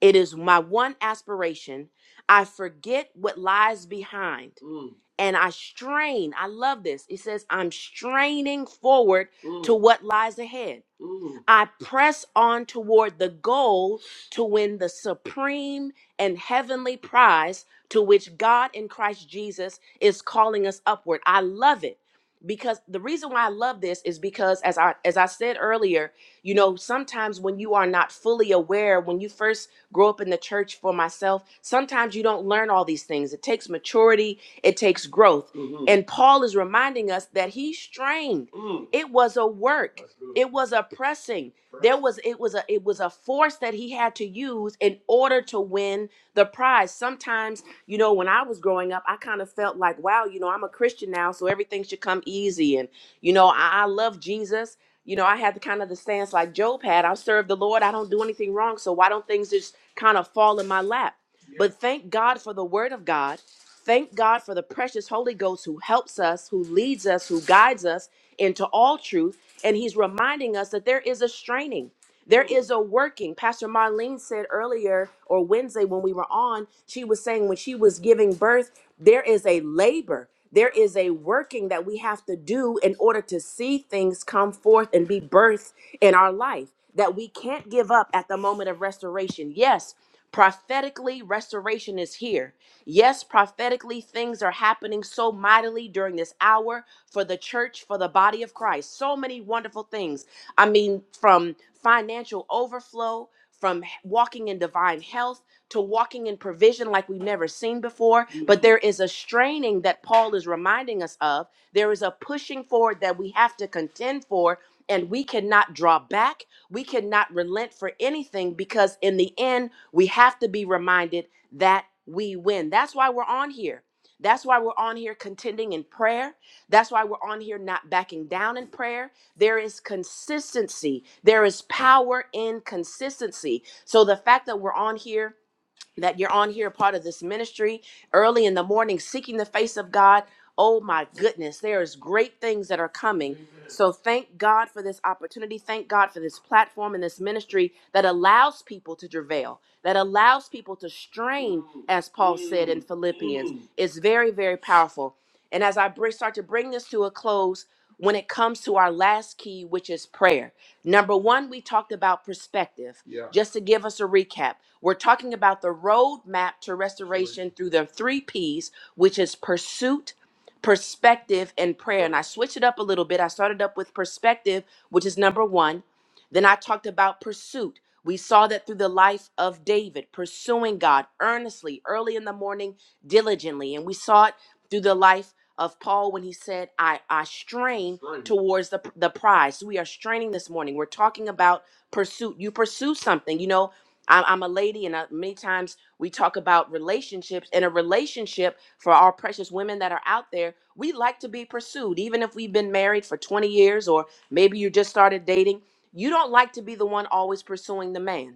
it is my one aspiration. I forget what lies behind Mm. and I strain. I love this. It says, I'm straining forward Mm. to what lies ahead. Mm. I press on toward the goal to win the supreme and heavenly prize to which God in Christ Jesus is calling us upward. I love it because the reason why I love this is because as I as I said earlier, you know, sometimes when you are not fully aware, when you first grow up in the church for myself. Sometimes you don't learn all these things. It takes maturity, it takes growth. Mhm. And Paul is reminding us that he strained. Mm. It was a work. It was a pressing. Press. There was it was a it was a force that he had to use in order to win the prize. Sometimes, you know, when I was growing up, I kind of felt like, wow, you know, I'm a Christian now, so everything should come easy and you know, I, I love Jesus you know, I had the kind of the stance like Job had. I serve the Lord. I don't do anything wrong. So why don't things just kind of fall in my lap? Yeah. But thank God for the word of God Thank God for the precious Holy Ghost who helps us, who leads us, who guides us into all truth. And he's reminding us that there is a straining, there is a working. Pastor Marlene said earlier or Wednesday when we were on, she was saying when she was giving birth, there is a labor, there is a working that we have to do in order to see things come forth and be birthed in our life that we can't give up at the moment of restoration. Yes. Prophetically, restoration is here. Yes, prophetically, things are happening so mightily during this hour for the church, for the body of Christ. So many wonderful things. I mean, from financial overflow, from h- walking in divine health, to walking in provision like we've never seen before. But there is a straining that Paul is reminding us of. There is a pushing forward that we have to contend for, and we cannot draw back. We cannot relent for anything because, in the end, we have to be reminded that we win. That's why we're on here. That's why we're on here contending in prayer. That's why we're on here not backing down in prayer. There is consistency. There is power in consistency. So the fact that we're on here that you're on here part of this ministry early in the morning seeking the face of God. Oh my goodness, there is great things that are coming. So thank God for this opportunity. Thank God for this platform and this ministry that allows people to travail, that allows people to strain, as Paul said in Philippians. It's very, very powerful. And as I br- start to bring this to a close, when it comes to our last key, which is prayer. Number one, we talked about perspective. Yeah. Just to give us a recap, we're talking about the roadmap to restoration through the three P's, which is pursuit, perspective, and prayer. And I switched it up a little bit. I started up with perspective, which is number one. Then I talked about pursuit. We saw that through the life of David, pursuing God earnestly, early in the morning, diligently. And we saw it through the life of Paul when he said, I, I strain Strain. towards the, the prize. So We are straining this morning. We're talking about pursuit. You pursue something. You know, I'm, I'm a lady, and I, many times we talk about relationships. And a relationship for our precious women that are out there, we like to be pursued, even if we've been married for 20 years or maybe you just started dating. You don't like to be the one always pursuing the man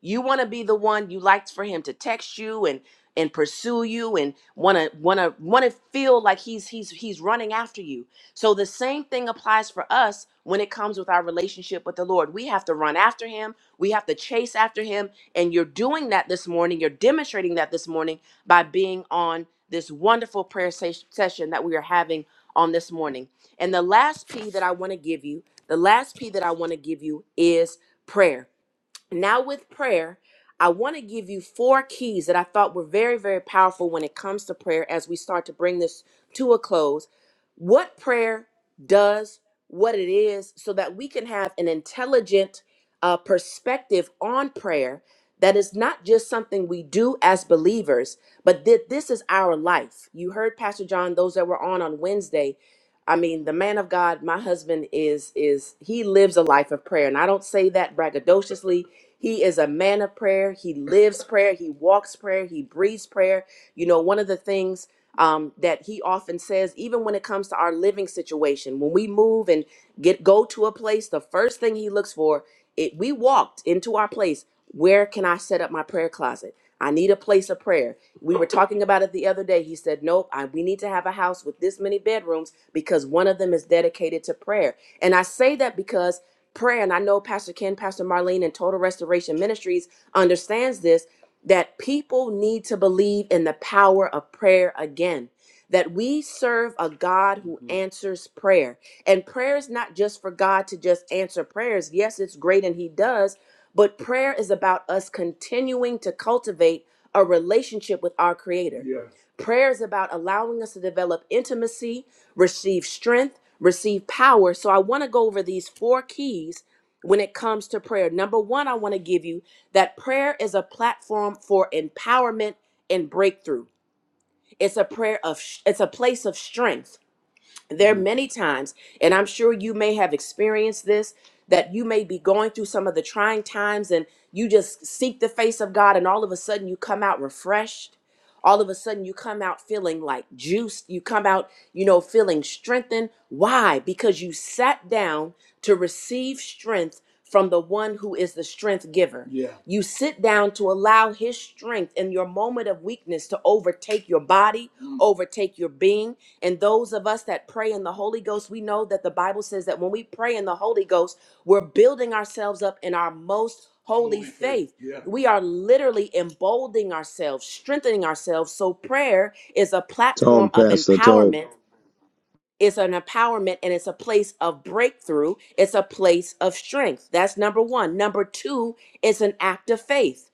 you want to be the one you liked for him to text you and and pursue you and want to want to want to feel like he's he's he's running after you. So the same thing applies for us when it comes with our relationship with the Lord. We have to run after him. We have to chase after him and you're doing that this morning. You're demonstrating that this morning by being on this wonderful prayer se- session that we are having on this morning. And the last P that I want to give you, the last P that I want to give you is prayer. Now, with prayer, I want to give you four keys that I thought were very, very powerful when it comes to prayer as we start to bring this to a close. What prayer does, what it is, so that we can have an intelligent uh, perspective on prayer that is not just something we do as believers, but that this is our life. You heard Pastor John, those that were on on Wednesday, I mean, the man of God, my husband is is he lives a life of prayer, and I don't say that braggadociously. He is a man of prayer. He lives prayer. He walks prayer. He breathes prayer. You know, one of the things um, that he often says, even when it comes to our living situation, when we move and get go to a place, the first thing he looks for, it we walked into our place. Where can I set up my prayer closet? I need a place of prayer. We were talking about it the other day. He said, Nope, I, we need to have a house with this many bedrooms because one of them is dedicated to prayer. And I say that because prayer, and I know Pastor Ken, Pastor Marlene, and Total Restoration Ministries understands this that people need to believe in the power of prayer again that we serve a God who Mhm. answers prayer. And prayer is not just for God to just answer prayers. Yes, it's great and He does, but prayer is about us continuing to cultivate a relationship with our Creator. Yes. Prayer is about allowing us to develop intimacy, receive strength, receive power. So I want to go over these four keys when it comes to prayer. Number one, I want to give you that prayer is a platform for empowerment and breakthrough. It's a prayer of, it's a place of strength there are many times and i'm sure you may have experienced this that you may be going through some of the trying times and you just seek the face of god and all of a sudden you come out refreshed all of a sudden you come out feeling like juiced you come out you know feeling strengthened why because you sat down to receive strength from the one who is the strength giver Yeah. you sit down to allow his strength in your moment of weakness to overtake your body Mm. overtake your being and those of us that pray in the Holy Ghost, we know that the Bible says that when we pray in the Holy Ghost, we're building ourselves up in our most holy, Holy faith. faith. Yeah. We are literally emboldening ourselves, strengthening ourselves. So prayer is a platform
Talk,
of
Pastor. Talk.
empowerment. It's an empowerment and it's a place of breakthrough. It's a place of strength. That's number one. Number two, is an act of faith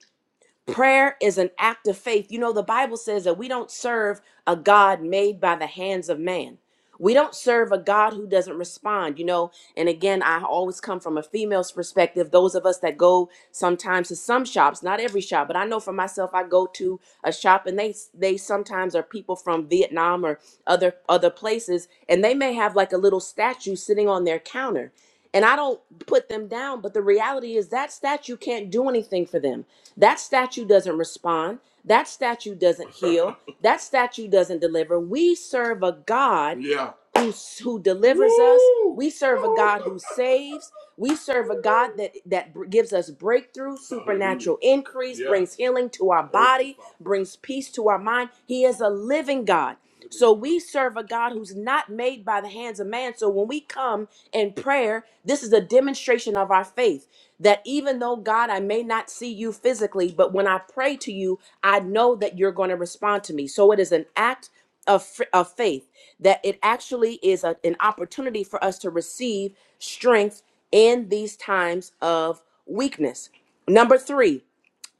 Prayer is an act of faith. You know, the Bible says that we don't serve a God made by the hands of man. We don't serve a God who doesn't respond, you know. And again, I always come from a female's perspective. Those of us that go sometimes to some shops, not every shop, but I know for myself, I go to a shop and they they sometimes are people from Vietnam or other other places, and they may have like a little statue sitting on their counter. And I don't put them down, but the reality is that statue can't do anything for them that statue doesn't respond. That statue doesn't heal. That statue doesn't deliver. We serve a God Yeah. who, who delivers Woo! us. We serve a God who saves. We serve a God that, that br- gives us breakthrough, Hallelujah. supernatural increase, Yeah. brings healing to our Thank you, body, Father. brings peace to our mind. He is a living God. So we serve a God who's not made by the hands of man. So when we come in prayer, this is a demonstration of our faith. That even though God, I may not see you physically, but when I pray to you, I know that you're going to respond to me. So it is an act of, fr- of faith that it actually is a- an opportunity for us to receive strength in these times of weakness. Number three,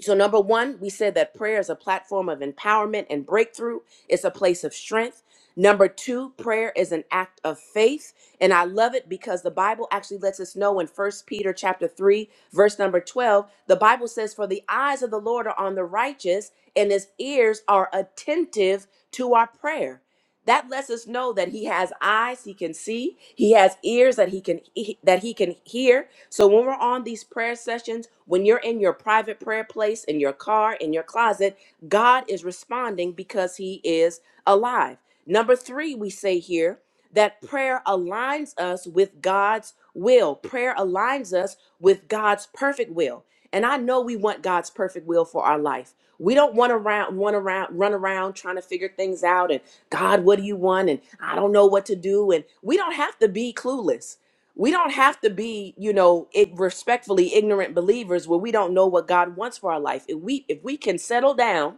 so, number one, we said that prayer is a platform of empowerment and breakthrough, it's a place of strength. Number two, prayer is an act of faith. And I love it because the Bible actually lets us know in First Peter chapter 3, verse number 12, the Bible says, For the eyes of the Lord are on the righteous, and his ears are attentive to our prayer that lets us know that he has eyes he can see he has ears that he can that he can hear so when we're on these prayer sessions when you're in your private prayer place in your car in your closet god is responding because he is alive number 3 we say here that prayer aligns us with God's will prayer aligns us with God's perfect will and I know we want God's perfect will for our life we don't want to run around run around trying to figure things out and. God, what do you want? And I don't know what to do. And we don't have to be clueless. We don't have to be, you know, it, respectfully ignorant believers where we don't know what God wants for our life. If we if we can settle down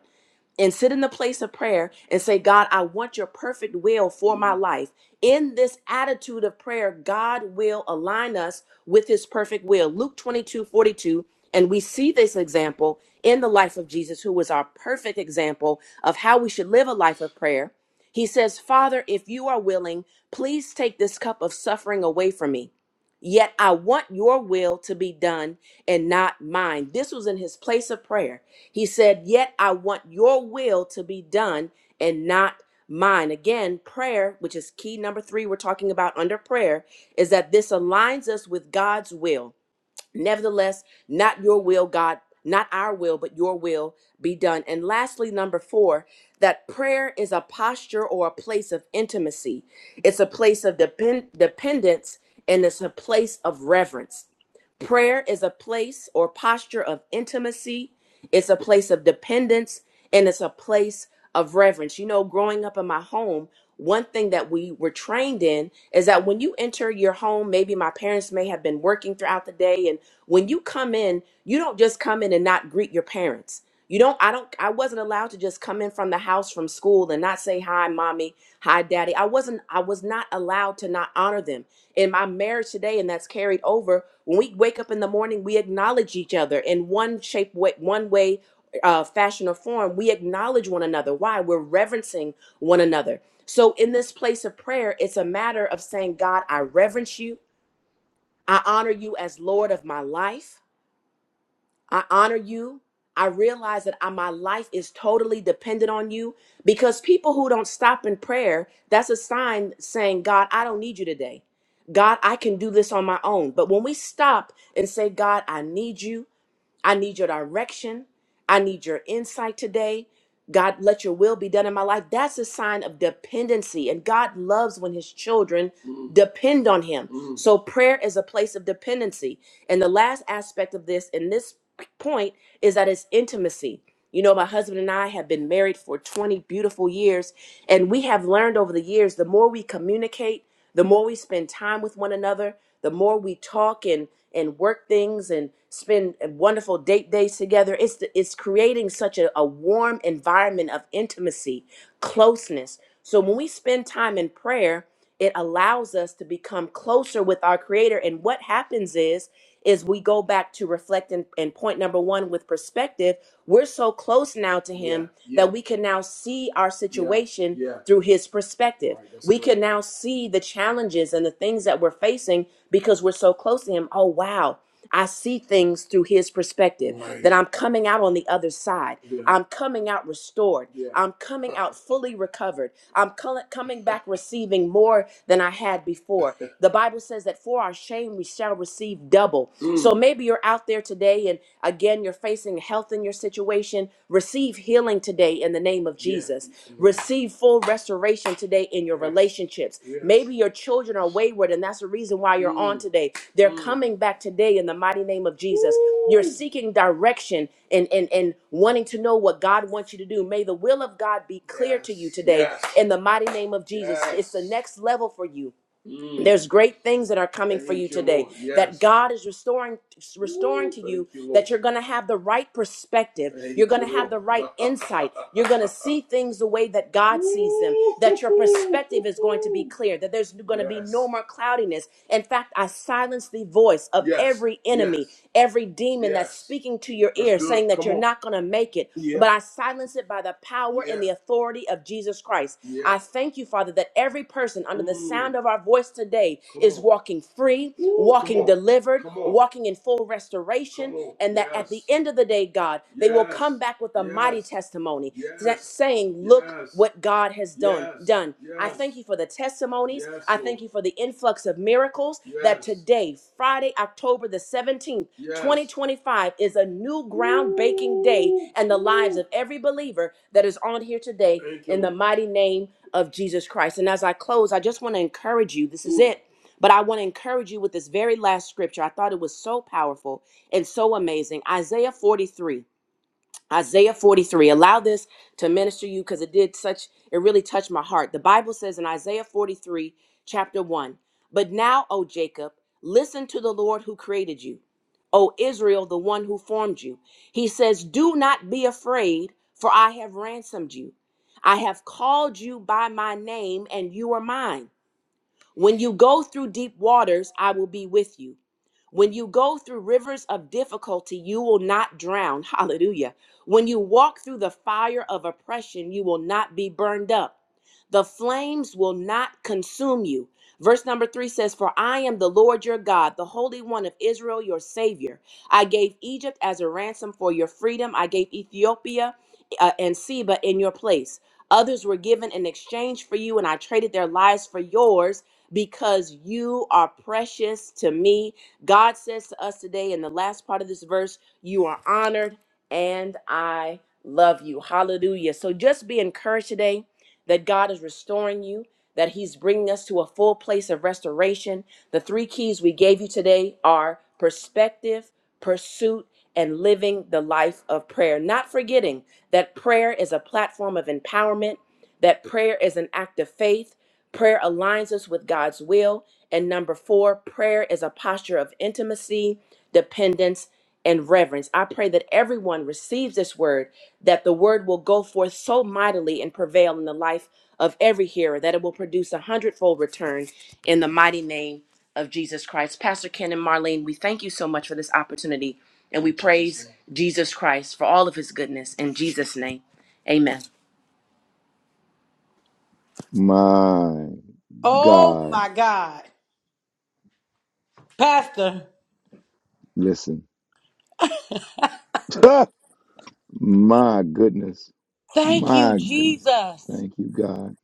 and sit in the place of prayer and say, God, I want your perfect will for my life. In this attitude of prayer, God will align us with his perfect will. Luke 22 42, And we see this example in the life of Jesus, who was our perfect example of how we should live a life of prayer. He says, Father, if you are willing, please take this cup of suffering away from me. Yet I want your will to be done and not mine. This was in his place of prayer. He said, Yet I want your will to be done and not mine. Again, prayer, which is key number three we're talking about under prayer, is that this aligns us with God's will. Nevertheless, not your will, God, not our will, but your will be done. And lastly, number four, that prayer is a posture or a place of intimacy, it's a place of depend- dependence, and it's a place of reverence. Prayer is a place or posture of intimacy, it's a place of dependence, and it's a place of reverence. You know, growing up in my home, one thing that we were trained in is that when you enter your home, maybe my parents may have been working throughout the day, and when you come in, you don't just come in and not greet your parents. You don't, I don't, I wasn't allowed to just come in from the house from school and not say, hi, mommy, hi, daddy. I wasn't, I was not allowed to not honor them in my marriage today, and that's carried over. When we wake up in the morning, we acknowledge each other in one shape, way, one way, uh, fashion, or form. We acknowledge one another. Why? We're reverencing one another. So in this place of prayer, it's a matter of saying, God, I reverence you. I honor you as Lord of my life. I honor you. I realize that I, my life is totally dependent on you because people who don't stop in prayer, that's a sign saying, God, I don't need you today. God, I can do this on my own. But when we stop and say, God, I need you, I need your direction. I need your insight today. God, let your will be done in my life. That's a sign of dependency. And God loves when his children Mm. depend on him. Mm. So prayer is a place of dependency. And the last aspect of this, in this point, is that it's intimacy. You know, my husband and I have been married for 20 beautiful years, and we have learned over the years the more we communicate, the more we spend time with one another, the more we talk and and work things and spend wonderful date days together. It's the, it's creating such a, a warm environment of intimacy, closeness. So when we spend time in prayer, it allows us to become closer with our Creator. And what happens is is we go back to reflect and, and point number one with perspective we're so close now to Yeah, him yeah, yeah. that we can now see our yeah, situation yeah. yeah. through his perspective Right, that's we correct. can now see the challenges and the things that we're facing because we're so close to him oh wow I see things through his perspective right. that Right. I'm coming out on the other side. Yeah, I'm coming out restored. yeah. I'm coming out fully recovered. I'm col- coming back receiving more than I had before. The Bible says that for our shame we shall receive double. So maybe you're out there today and again you're facing health in your situation. Receive healing today in the name of Yeah. Jesus. Receive full restoration today in your relationships. Yes. Maybe your children are wayward, and that's the reason why you're on Mm. today. They're Mm. coming back today in the mighty name of Jesus. You're Woo. seeking direction and, and, and wanting to know what God wants you to do. May the will of God be clear to you Yes. today Yes. in the mighty name of Jesus. It's the Yes. next level for you. Mm. There's great things that are coming for you Thank you, today Lord. that Yes. God is restoring restoring Woo. to you Thank you, Lord. that you're going to have the right perspective. You're Thank going you, to have Lord. the right insight. You're going to see things the way that God sees them. That your perspective is going to be Woo. clear. That there's going to be no yes. more cloudiness. In fact, I silence the voice of Yes. every Yes. enemy Yes every demon that's Yes. speaking to your Let's ear do it. saying it. that Come you're on. not going to make it. Yeah. But I silence it by the power and Yeah. the Yes. authority of Jesus Christ. Yeah. I Yes. thank you, Father, that every person under the Mm. sound Mm. of our voice today Come is on. walking free, Woo. Come walking on. delivered, Come on. walking in full Come restoration, Come on. and that at the Yes. end of the day, God, they will come Yes. back with a with a mighty Yes. mighty testimony yes. that Yes. saying, look Yes. what God has done. Yes. Done. Yes. I Yes. thank you for the testimonies. Yes, I thank you for the influx of miracles yes. that Yes. today, Friday, October the 17th, Yes. 2025 is a new ground baking day and the lives of every believer that is on here today in the mighty name of Jesus Christ. And as I close, I just want to encourage you. This is Mm. it. But I want to encourage you with this very last scripture. I thought it was so powerful and so amazing. Isaiah 43. Isaiah 43. Allow this to minister you because it did such, it really touched my heart. The Bible says in Isaiah 43, chapter 1, But now, O Jacob, listen to the Lord who created you, O Israel, the one who formed you. He says, Do not be afraid, for I have ransomed you. I have called you by my name, and you are mine. When you go through deep waters, I will be with you. When you go through rivers of difficulty, you will not drown. Hallelujah. When you walk through the fire of oppression, you will not be burned up. The flames will not consume you. Verse number three says, For I am the Lord your God, the Holy One of Israel, your Savior. I gave Egypt as a ransom for your freedom. I gave Ethiopia uh, and Seba in your place. Others were given in exchange for you, and I traded their lives for yours because you are precious to me God says to us today in the last part of this verse, You are honored and I love you. Hallelujah. So just be encouraged today that God is restoring you, that He's bringing us to a full place of restoration. The three keys we gave you today are perspective, pursuit, and living the life of prayer. Not forgetting that prayer is a platform of empowerment, that prayer is an act of faith. Prayer aligns us with God's will and number four, prayer is a posture of intimacy, dependence, and reverence. I pray that everyone receives this word, that the word will go forth so mightily and prevail in the life of every hearer, that it will produce a hundredfold return in the mighty name of Jesus Christ. Pastor Ken and Marlene, we thank you so much for this opportunity, and we praise Jesus Christ for all of his goodness. In Jesus' name, amen.
My
Oh
God.
my God. Pastor,
Listen. My goodness.
Thank you,
My goodness.
Jesus.
Thank you, God.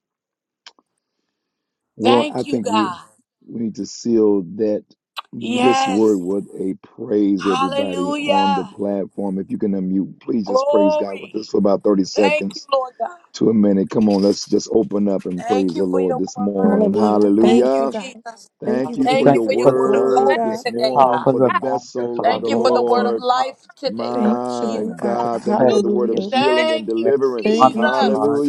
Well, I
Thank you,
think we
God.
we need to seal that this word
Yes.
with a praise, everybody on the
Hallelujah.
platform. If you can unmute, please just praise God with
Glory.
us for about 30
Thank you,
seconds.
Lord God.
to a minute. Come on, let's just open up and
Thank
praise the
you for
Lord
your
this
word,
morning.
God.
Hallelujah.
Thank
Thank
you,
you,
Hallelujah.
God.
Jesus.
Thank
Thank
you,
Father,
you
we
for
Thank you
thank
your
for
you
your
Jesus.
for this
word of
word
Glory,
word
Thank
hope
today,
God.
this
this
today,
morning,
God.
powerful
for the
God.
reminder,
vessel of
Thank
the
you
Father,
for
Lord,
the
Oh,
word of
God.
Lord.
life
powerful
today,
reminder
Lord
Thank you,
My
Jesus.
Lord
of
God.
God, thank you for
hallelujah.
the
perspective,
word of
Hallelujah.
pursuit,
Thank
healing
you,
and
Thank you,
prayer,
Jesus.
deliverance.
on
Thank you,
Jesus.
God.
Jesus.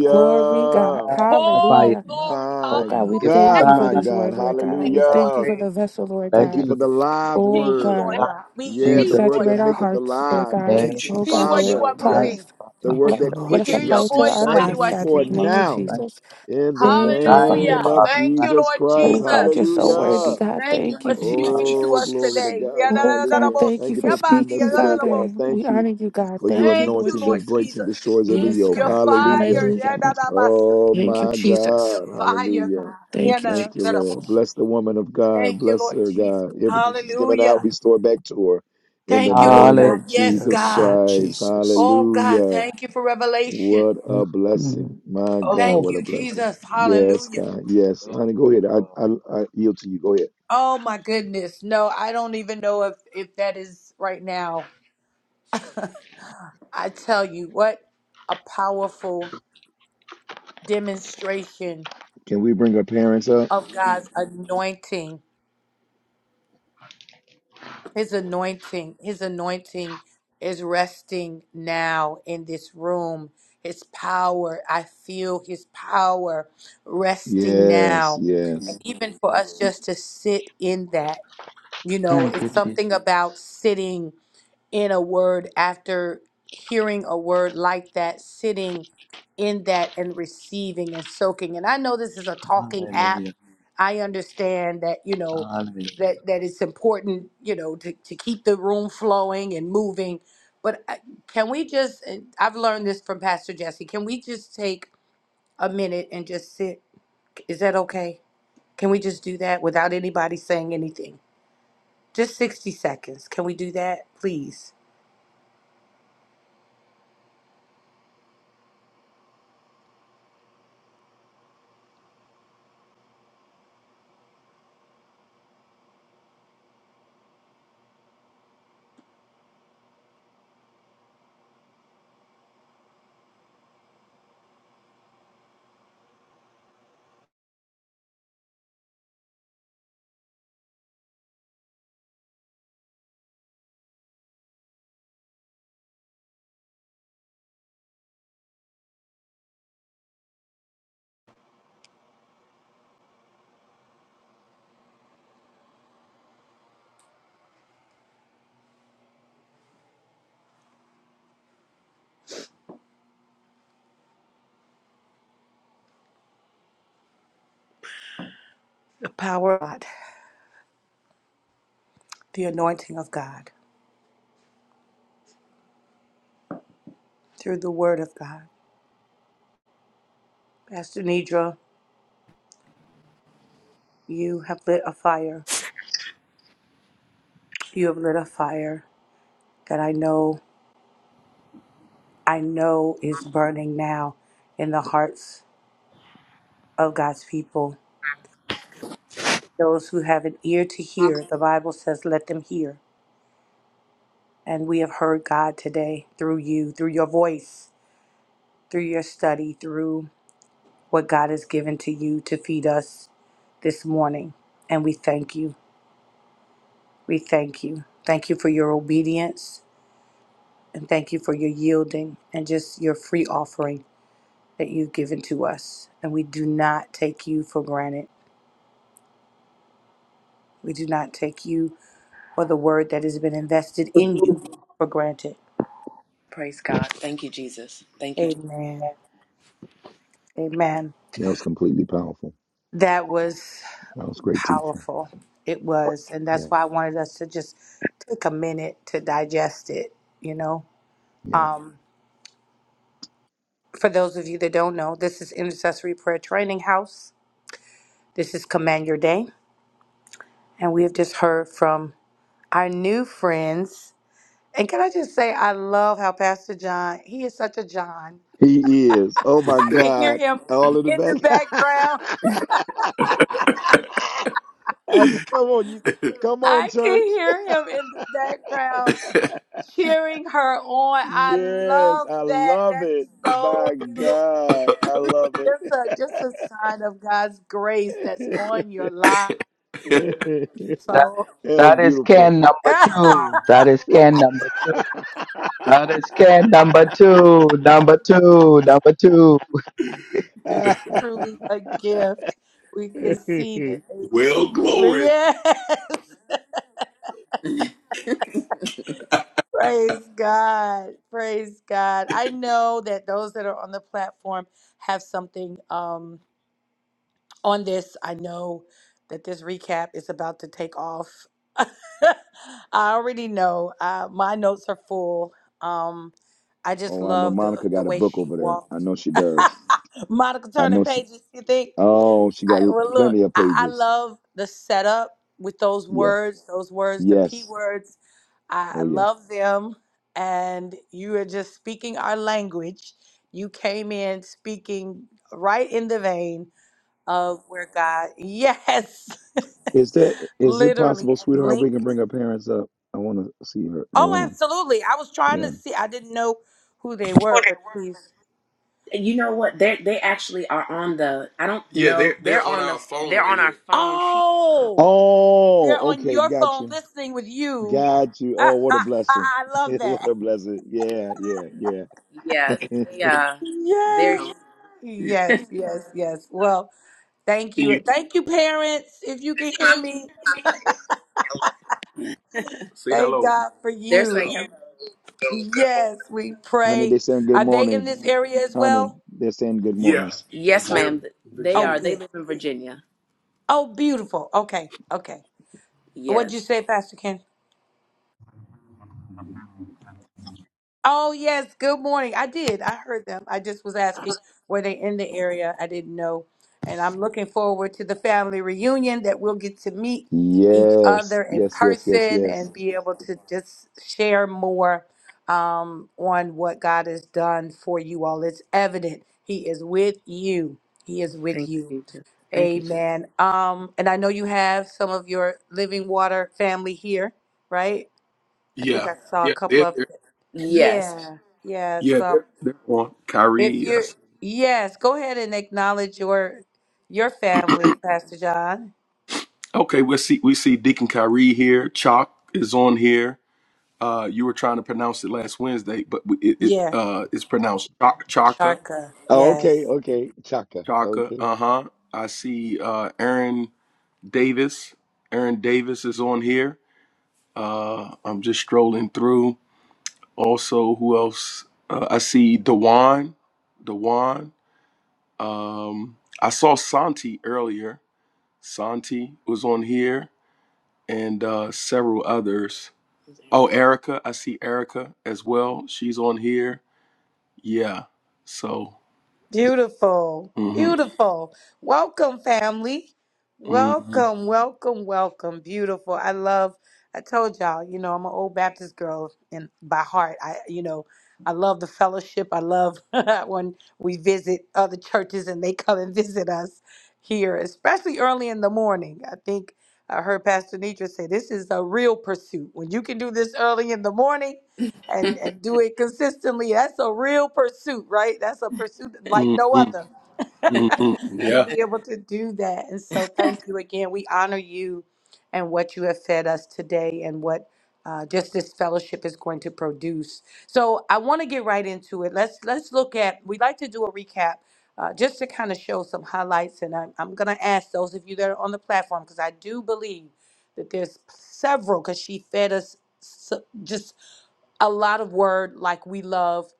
We
Glory, God.
magnify
Oh,
your
Hallelujah.
name.
glory.
Oh,
My
God,
We
we
give you
Hallelujah.
thank
Thank
God,
you for
my
thanks.
this
God.
word, Lord God.
Thank
We
you,
I
Lord
thank you
Hallelujah.
for
God.
pray,
the vessel, Lord
bless
Thank
you,
you
God.
for
you
the
this
Jesus.
live
See
Oh,
you,
word.
Lord
Thank
God.
time,
God. We
Let
hear
Yeah,
it
Jesus.
the
you,
Jesus,
word
Lord
that
saturate
God.
our
maketh
hearts,
in
Lord
alive.
the
God.
Thank
name
Thank you,
you,
of
Oh,
See
God,
Jesus
where
let
Jesus.
it
you
Father.
are
apply
Christ,
Yes,
moving.
us.
the
Father.
word
Let,
Thank you,
that
Lord
We
let us
hear
quickens
your
apply
us.
it to
We
voice
our
Jesus.
I
when
thank
you
lives,
are
Thank
you
you.
Thank
God,
for
in
it
you,
the
speaking.
Father.
name
Thank you,
of
now
Thank
Lord.
Jesus.
you, Father.
in the
Thank you,
Thank you,
Father.
name
Thank
Hallelujah.
you,
of
Father.
Lord
Thank
Thank
you,
Jesus
Lord
you, Father.
Oh
Christ.
God, you're
Jesus.
so worthy,
Hallelujah.
Jesus.
God.
Thank you
Thank
Thank you,
for
you,
Thank you,
Father.
speaking to
Jesus.
Oh,
us
glory to
Jesus.
today.
God.
Oh God,
Hallelujah.
thank
Thank
you
you
for
for feeding us
speaking,
today, God.
Father. We
Thank you
honor you, God.
for your
Thank you,
Thank
Lord
you,
anointing that
Lord
breaks
Jesus.
and
Jesus.
destroys every
Yes,
yoke.
Your
God.
Hallelujah.
fire.
Mm,
Hallelujah.
mm.
Oh,
Thank you,
my
Jesus.
Your
God.
fire, God.
Hallelujah.
Yeah,
Thank you,
no,
Thank you,
no, no,
Jesus.
no.
Lord. Bless the woman of God.
Thank you,
Bless
Lord
her,
Jesus.
God. Everything she's given out,
Hallelujah.
restore back to her in the
Thank you, Lord
name
Hallelujah.
God.
of
Yes,
Jesus
Yes,
God.
Lord
Christ.
Jesus.
Oh, God,
Hallelujah.
thank you for revelation.
What a blessing. My God,
Oh,
Thank
what
glory.
you,
a blessing.
Jesus.
Yes,
Hallelujah.
God. Yes. Honey,
to
go ahead. I,
God.
I, I yield to you. Go ahead.
Oh, my goodness. No, I don't even know if, if that is right now. I tell you, what a powerful demonstration
Can we bring our parents up?
of God's anointing. His anointing, his anointing is resting now in this room. His power, I feel his power resting
Yes,
now.
yes.
And even for us just to sit in that, you know,
Thank you,
it's
Jesus.
something about sitting in a word after hearing a word like that, sitting in that and receiving and soaking. And I know this is a talking app.
Hallelujah.
I understand that, you know,
Hallelujah.
that, that it's important, you know, to, to keep the room flowing and moving. But I- can we just, and I've learned this from Pastor Jesse, can we just take a minute and just sit? Is that okay? Can we just do that without anybody saying anything? Just 60 seconds. Can we do that, please? The Power. the anointing of God, through the word of God. Pastor Nidra, you have lit a fire. You have lit a fire that I know, I know is burning now in the hearts of God's people. Those who have an ear to hear, the Bible says, let them hear. And we have heard God today through you, through your voice, through your study, through what God has given to you to feed us this morning. And we thank you. We thank you. Thank you for your obedience. And thank you for your yielding and just your free offering that you've given to us. And we do not take you for granted. We do not take you or the word that has been invested in you for granted.
Praise God. Thank you, Jesus. Thank you.
Amen. Amen.
That was completely powerful.
That was
That was great teaching.
powerful. It was. And that's
Yeah,
why I wanted us to just take a minute to digest it, you know.
yeah.
Um, for those of you that don't know, this is Intercessory Prayer Training House. This is Command Your Day. And we have just heard from our new friends. And can I just say, I love how Pastor John, he is such a John.
He is. Oh my
I can hear
God.
him
All in the
in the
back.
background.
I
Jesus.
said, come on, you come on,
I can
church.
hear him in the background cheering her on. I
Yes,
love
I
that.
love
That is
it.
so
My
beautiful.
God. I love it.
Just a just a sign of God's grace that's on your life.
that
That,
So
was
that is
beautiful.
can number
right,
two. That is can number two. That is can number two. Number two. Number two.
truly a gift. We can see that.
well,
they-
glory.
Yes. Praise God. Praise God. I know that those that are on the platform have something um, on this. I know that this recap is about to take off. I already know. Uh, my notes are full. Um, I just
oh, I know
love the,
Monica
the
got a
way
book
she
over there. I
walked.
know she does.
Monica
I
turning
know she.
pages, you think?
Oh, she
I,
got
well, look,
plenty of
I, I
pages.
love the setup with those
Yeah.
words, those words, the P
Yes.
words. I
Oh, yeah.
love them. And you are just speaking our language. You came in speaking right in the vein of where God, yes,
Is that is it
literally,
possible,
and
sweetheart? We can
linked.
bring her parents up. I want to see her. I
Oh,
want to.
absolutely. I was trying to
Yeah.
see, I didn't know who they were, but please.
You know what? They they actually are on the. I don't Yeah, know. they're They're they're on on our the. phone They're right on our phone. She.
Oh, they're
Oh,
on
okay.
your
Got
phone
you.
listening with you.
Got you. Oh, what a blessing.
I love
what
that.
a blessing. Yeah. Yeah. Yeah.
Yeah. They. Uh. They're.
Yes. Yes,
Can
yes, yes. Well, Thank you.
you
Thank you, parents. If you can hear me,
say
thank
hello?
God for
They're saying hello.
you.
Hello. Good
Yes,
morning.
we
Honey, they
pray.
saying good
Are they in
morning.
this area as
Honey,
well?
they're saying good morning.
Yeah, Yes, they're ma'am. Virginia. They
Oh,
are. They
good.
live in Virginia.
Oh, beautiful. Okay. Okay. What'd you
Yes.
say, Pastor Ken? Oh, yes. Good morning. I did. I heard them. I just was asking were they in the area? I didn't know. And I'm looking forward to the family reunion that we'll get to meet each other
Yes,
in
yes, yes, yes,
person
yes.
and be able to just share more um, on what God has done for you all. It's evident He is with you. He is with
Thank
you.
you, Jesus. Thank you, Jesus.
Amen. Um, and I know you have some of your living water family here, right? I think
Yeah,
I saw a
yeah,
couple
they're
of
there. Yes.
yeah, yeah.
Yeah,
So
they're they're on.
if
Kyrie. I
you're,
see.
yes, go ahead and acknowledge your your family, Pastor John.
Okay, we see we see Deacon Kyrie here. Chalk is on here. Uh, you were trying to pronounce it last Wednesday, but we- it, it
Yeah,
uh, it's pronounced Chaka. Chaka.
Charka.
Oh,
Yes.
okay, okay. Chaka.
Chaka.
Okay.
Uh huh. I see uh, Aaron Davis. Aaron Davis is on here. Uh, I'm just strolling through. Also, who else? Uh, I see Dewan. Dewan. Um, I saw Santi earlier. Santi was on here, and uh, several others. Oh, Erica. I see Erica as well. She's on here. Yeah. So
Beautiful,
hmm
beautiful. Welcome, family.
hmm
Welcome, welcome, welcome. Beautiful. I love. I told y'all, you know, I'm an old Baptist girl, and by heart, I, you know, I love the fellowship. I love when we visit other churches and they come and visit us here, especially early in the morning. I think I heard Pastor Nitra say this is a real pursuit. When you can do this early in the morning, and and do it consistently. That's a real pursuit, right? That's a pursuit like
hmm
no
hmm
other. to
Yeah.
be able to do that. And so thank you again. We honor you and what you have fed us today and what uh, just this fellowship is going to produce. So I want to get right into it. Let's let's look at. We like to do a recap. Uh, just to kind of show some highlights, and I'm, I'm going to ask those of you that are on the platform because I do believe that there's several. Because she fed us so, just a lot of word like we love.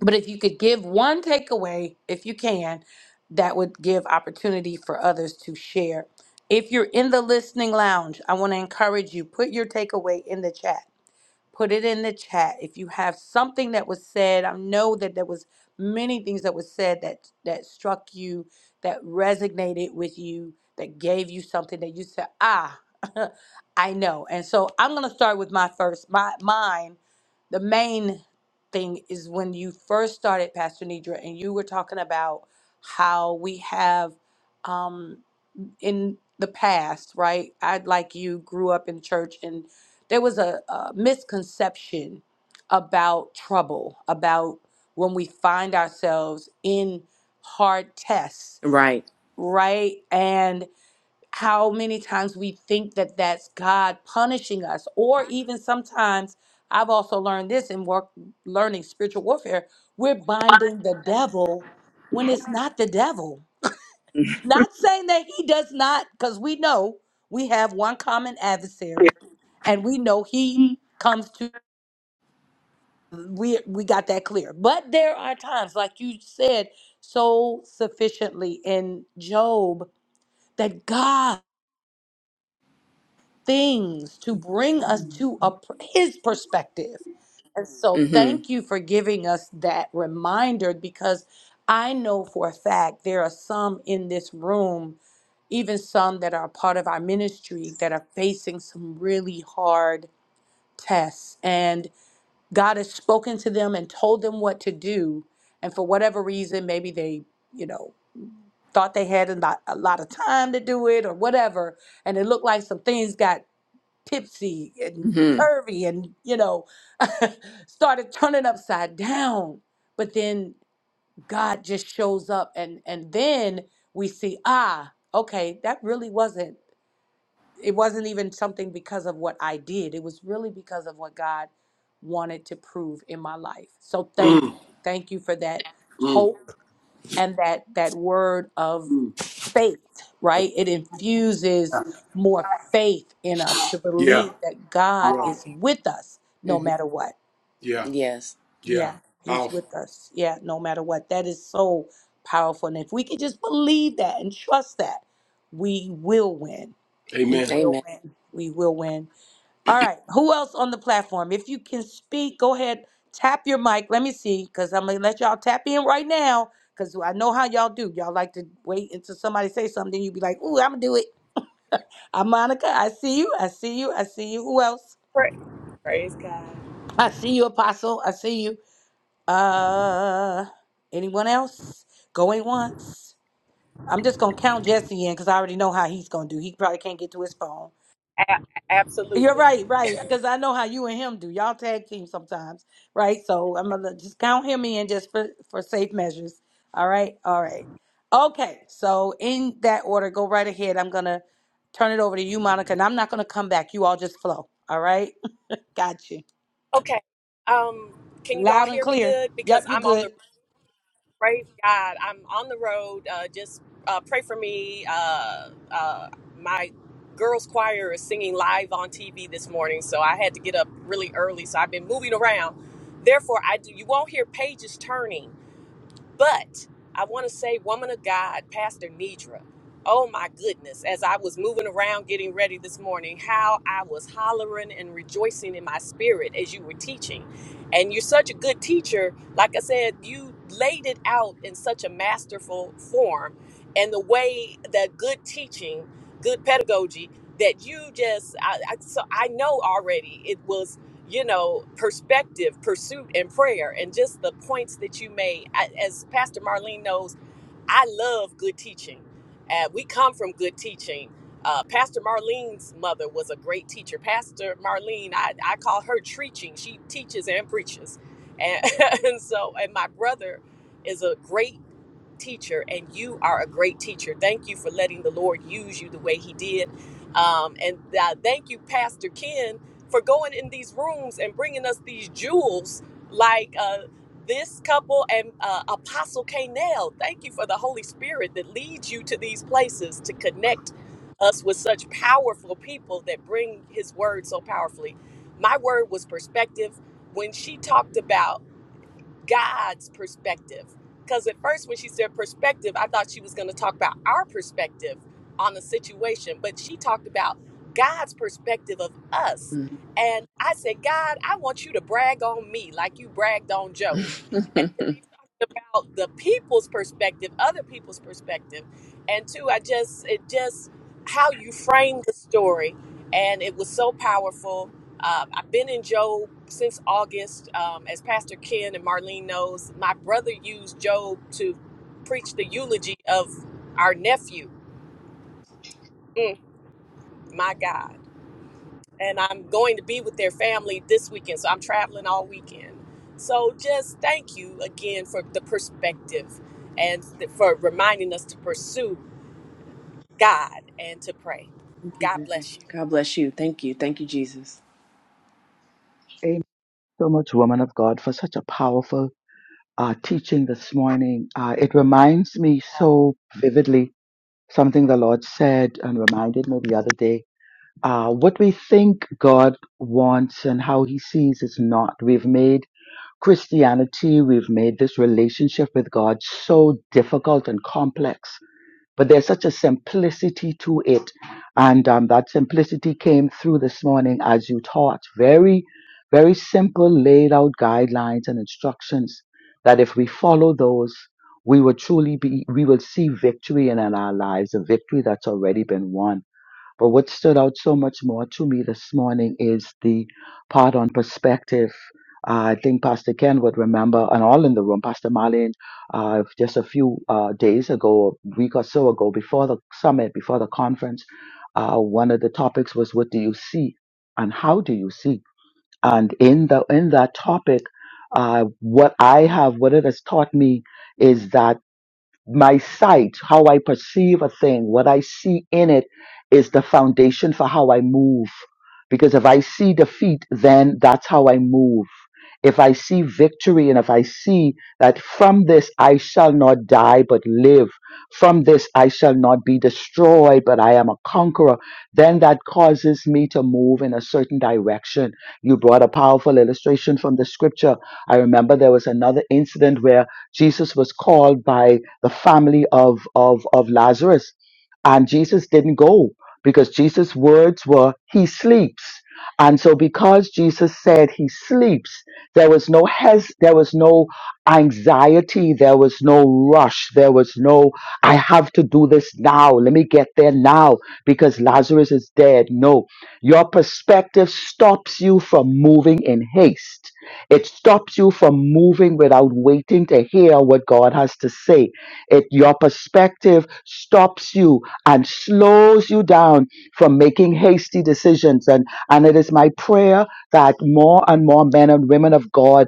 But if you could give one takeaway, if you can, that would give opportunity for others to share. If you're in the listening lounge, I want to encourage you, put your takeaway in the chat put it in the chat if you have something that was said i know that there was many things that was said that that struck you that resonated with you that gave you something that you said ah i know and so i'm going to start with my first my mine the main thing is when you first started pastor nidra and you were talking about how we have Um, in the past, right? I like you grew up in church, and there was a, a misconception about trouble, about when we find ourselves in hard tests,
Right.
right? And how many times we think that that's God punishing us, or even sometimes I've also learned this in work learning spiritual warfare, we're binding the devil when it's not the devil not saying that he does not, because we know we have one common adversary, and we know he comes to. We we got that clear. But there are times, like you said so sufficiently in Job, that God. things to bring us to a, pr- his perspective. And so,
Mm-hmm.
thank you for giving us that reminder because I know for a fact there are some in this room, even some that are a part of our ministry, that are facing some really hard tests. And God has spoken to them and told them what to do. And for whatever reason, maybe they, you know, thought they had a lot, a lot of time to do it or whatever. And it looked like some things got tipsy and
Mm-hmm.
curvy and you know started turning upside down but then god just shows up and and then we see ah okay that really wasn't it wasn't even something because of what i did it was really because of what god wanted to prove in my life so thank you
Mm,
thank you for that
mm,
hope and that that word of
mm.
faith, right? It infuses more faith in us to
Yeah. Yeah.
believe that God is
Mm-hmm.
with us no matter what.
Yeah. Yes. Yeah.
Yeah, He's
Powerful.
with us. Yeah, no matter what. That is so powerful. And if we can just believe that and trust that, we will win. We
Amen.
will
Amen.
win. We will win. All right. Who else on the platform? If you can speak, go ahead. Tap your mic. Let me see, because I'm going to let y'all tap in right now because I know how y'all do. Y'all like to wait until somebody say something, then you be like, "Ooh, I'm gonna do it." Uh, Monica, I see you. I see you. I see you. Who else?
pray. Praise God.
I see you, Apostle. I see you. Uh, anyone else? Going once. I'm just gonna count Jesse in because I already know how he's gonna do. He probably can't get to his phone.
A-
You're
absolutely.
right, right. Because I know how you and him do. Y'all tag team sometimes, right? So I'm gonna just count him in just for for safe measures. All right, all right. Okay. So in that order, go right ahead. I'm gonna turn it over to you, Monica, and I'm not gonna come back. You all just flow. All right. Got you.
Okay. Um, can you all
Loud and
hear me
clear.
good?
Yep,
Because
you're
I'm on the
good.
Praise God. I'm on the road. Uh, just uh, pray for me. Uh, uh, my girls' choir is singing live on TV this morning, so I had to get up really early. So I've been moving around. Therefore, I do. You won't hear pages turning but I want to say, woman of God, Pastor Nidra, oh my goodness, as I was moving around getting ready this morning, how I was hollering and rejoicing in my spirit as you were teaching. And you're such a good teacher. Like I said, you laid it out in such a masterful form. And the way that good teaching, good pedagogy, that you just, I, I, so I know already it was you know, perspective, pursuit, and prayer, and just the points that you made. I, as Pastor Marlene knows, I love good teaching. Uh, we come from good teaching. Uh, Pastor Marlene's mother was a great teacher. Pastor Marlene, I, I call her treaching. She teaches and preaches. And, and so, and my brother is a great teacher, and you are a great teacher. Thank you for letting the Lord use you the way He did. Um, and uh, thank you, Pastor Ken, for going in these rooms and bringing us these jewels like uh, this couple and uh, Apostle Kanell. Thank you for the Holy Spirit that leads you to these places to connect us with such powerful people that bring His word so powerfully. My word was perspective when she talked about. God's perspective. Because at first, when she said perspective, I thought she was going to talk about our perspective on the situation, but she talked about God's perspective of us.
Mhm.
And I said, God, I want you to brag on me like you bragged on Job. And then he talked about the people's perspective, other people's perspective. And two, I just, it just, how you framed the story. And it was so powerful um, I've been in Job since August. Um, as Pastor Ken and Marlene knows, my brother used Job to preach the eulogy of our nephew. Mm, my God. And I'm going to be with their family this weekend, so I'm traveling all weekend. So just thank you again for the perspective and for reminding us to pursue God and to pray.
Thank you,
God
Jesus.
bless you.
God bless you. Thank you. Thank you, Jesus.
Amen. So much, woman of God, for such a powerful uh, teaching this morning. Uh, it reminds me so vividly something the Lord said and reminded me the other day uh, what we think God wants and how he sees is not. We've made Christianity, we've made this relationship with God so difficult and complex, but there's such a simplicity to it. And um, that simplicity came through this morning as you taught. Very, very simple, laid out guidelines and instructions that if we follow those, we will truly be, we will see victory in our lives, a victory that's already been won. But what stood out so much more to me this morning is the part on perspective. Uh, I think Pastor Ken would remember, and all in the room, Pastor Marlene, uh, just a few uh, days ago, a week or so ago, before the summit, before the conference, uh, one of the topics was what do you see and how do you see? And in the in that topic, uh, what I have, what it has taught me, is that my sight, how I perceive a thing, what I see in it is the foundation for how I move. Because if I see defeat, then that's how I move. If I see victory and if I see that from this I shall not die but live, from this I shall not be destroyed but I am a conqueror, then that causes me to move in a certain direction. You brought a powerful illustration from the scripture. I remember there was another incident where Jesus was called by the family of, of, of Lazarus. And Jesus didn't go because Jesus' words were, He sleeps. And so because Jesus said he sleeps, there was no hes there was no anxiety, there was no rush, there was no I have to do this now, let me get there now because Lazarus is dead. No. Your perspective stops you from moving in haste. It stops you from moving without waiting to hear what God has to say it, your perspective stops you and slows you down from making hasty decisions. And, and it is my prayer that more and more men and women of God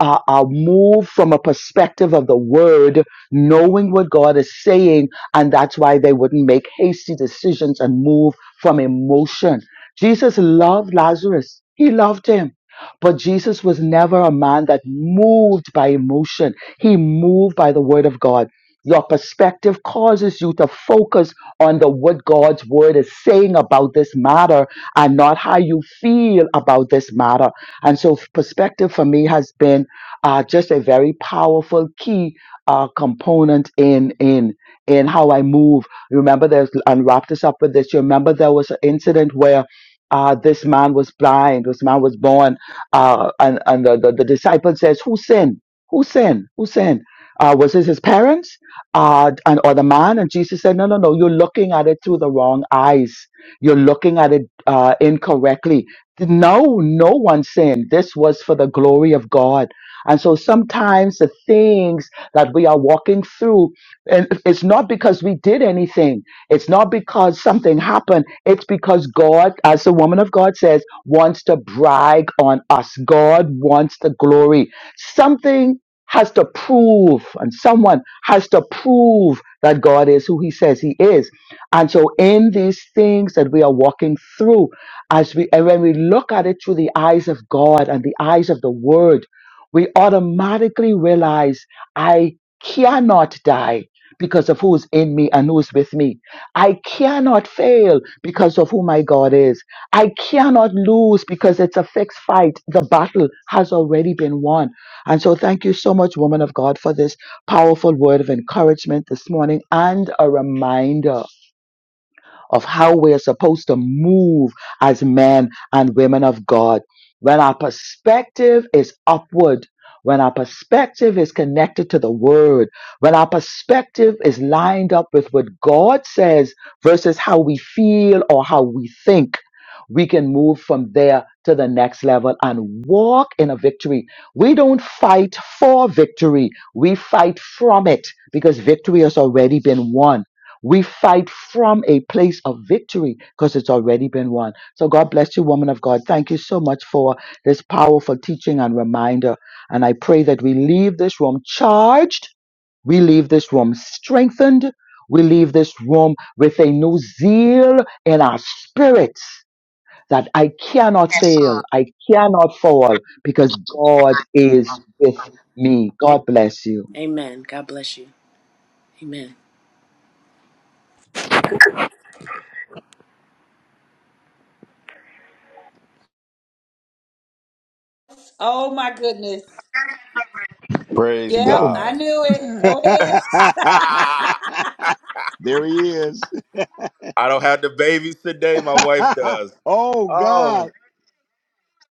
are, are moved from a perspective of the word, knowing what God is saying, and that's why they wouldn't make hasty decisions and move from emotion. Jesus loved Lazarus. He loved him. But Jesus was never a man that moved by emotion. He moved by the word of God. Your perspective causes you to focus on the what God's word is saying about this matter and not how you feel about this matter. And so perspective for me has been uh, just a very powerful key uh, component in in in how I move. Remember there's and wrap this up with this. You remember there was an incident where uh, this man was blind, this man was born, uh, and, and the, the, the disciple says, Who sinned? Who sinned? Who sinned? Uh, was this his parents? uh, and or the man and jesus said no no no you're looking at it through the wrong eyes you're looking at it uh, incorrectly no no one sinned this was for the glory of god and so sometimes the things that we are walking through and it's not because we did anything it's not because something happened it's because god as the woman of god says wants to brag on us god wants the glory something has to prove, and someone has to prove that God is who he says he is. And so, in these things that we are walking through, as we, and when we look at it through the eyes of God and the eyes of the word, we automatically realize I cannot die because of who's in me and who's with me. I cannot fail because of who my God is. I cannot lose because it's a fixed fight. The battle has already been won. And so, thank you so much, woman of God, for this powerful word of encouragement this morning and a reminder of how we're supposed to move as men and women of God. When our perspective is upward, when our perspective is connected to the word, when our perspective is lined up with what God says versus how we feel or how we think, we can move from there to the next level and walk in a victory. We don't fight for victory, we fight from it because victory has already been won. We fight from a place of victory because it's already been won. So God bless you, woman of God. Thank you so much for this powerful teaching and reminder. And I pray that we leave this room charged, we leave this room strengthened, we leave this room with a new zeal in our spirits that I cannot fail, I cannot fall because God is with me.
Thank-
God bless you.
Amen. God bless you. Amen.
Oh my goodness.
Praise
Yep,
Go.
I
God.
knew it. Go ahead.
I
there he is.
don't have the babies today. My wife does.
oh
Oh,
God.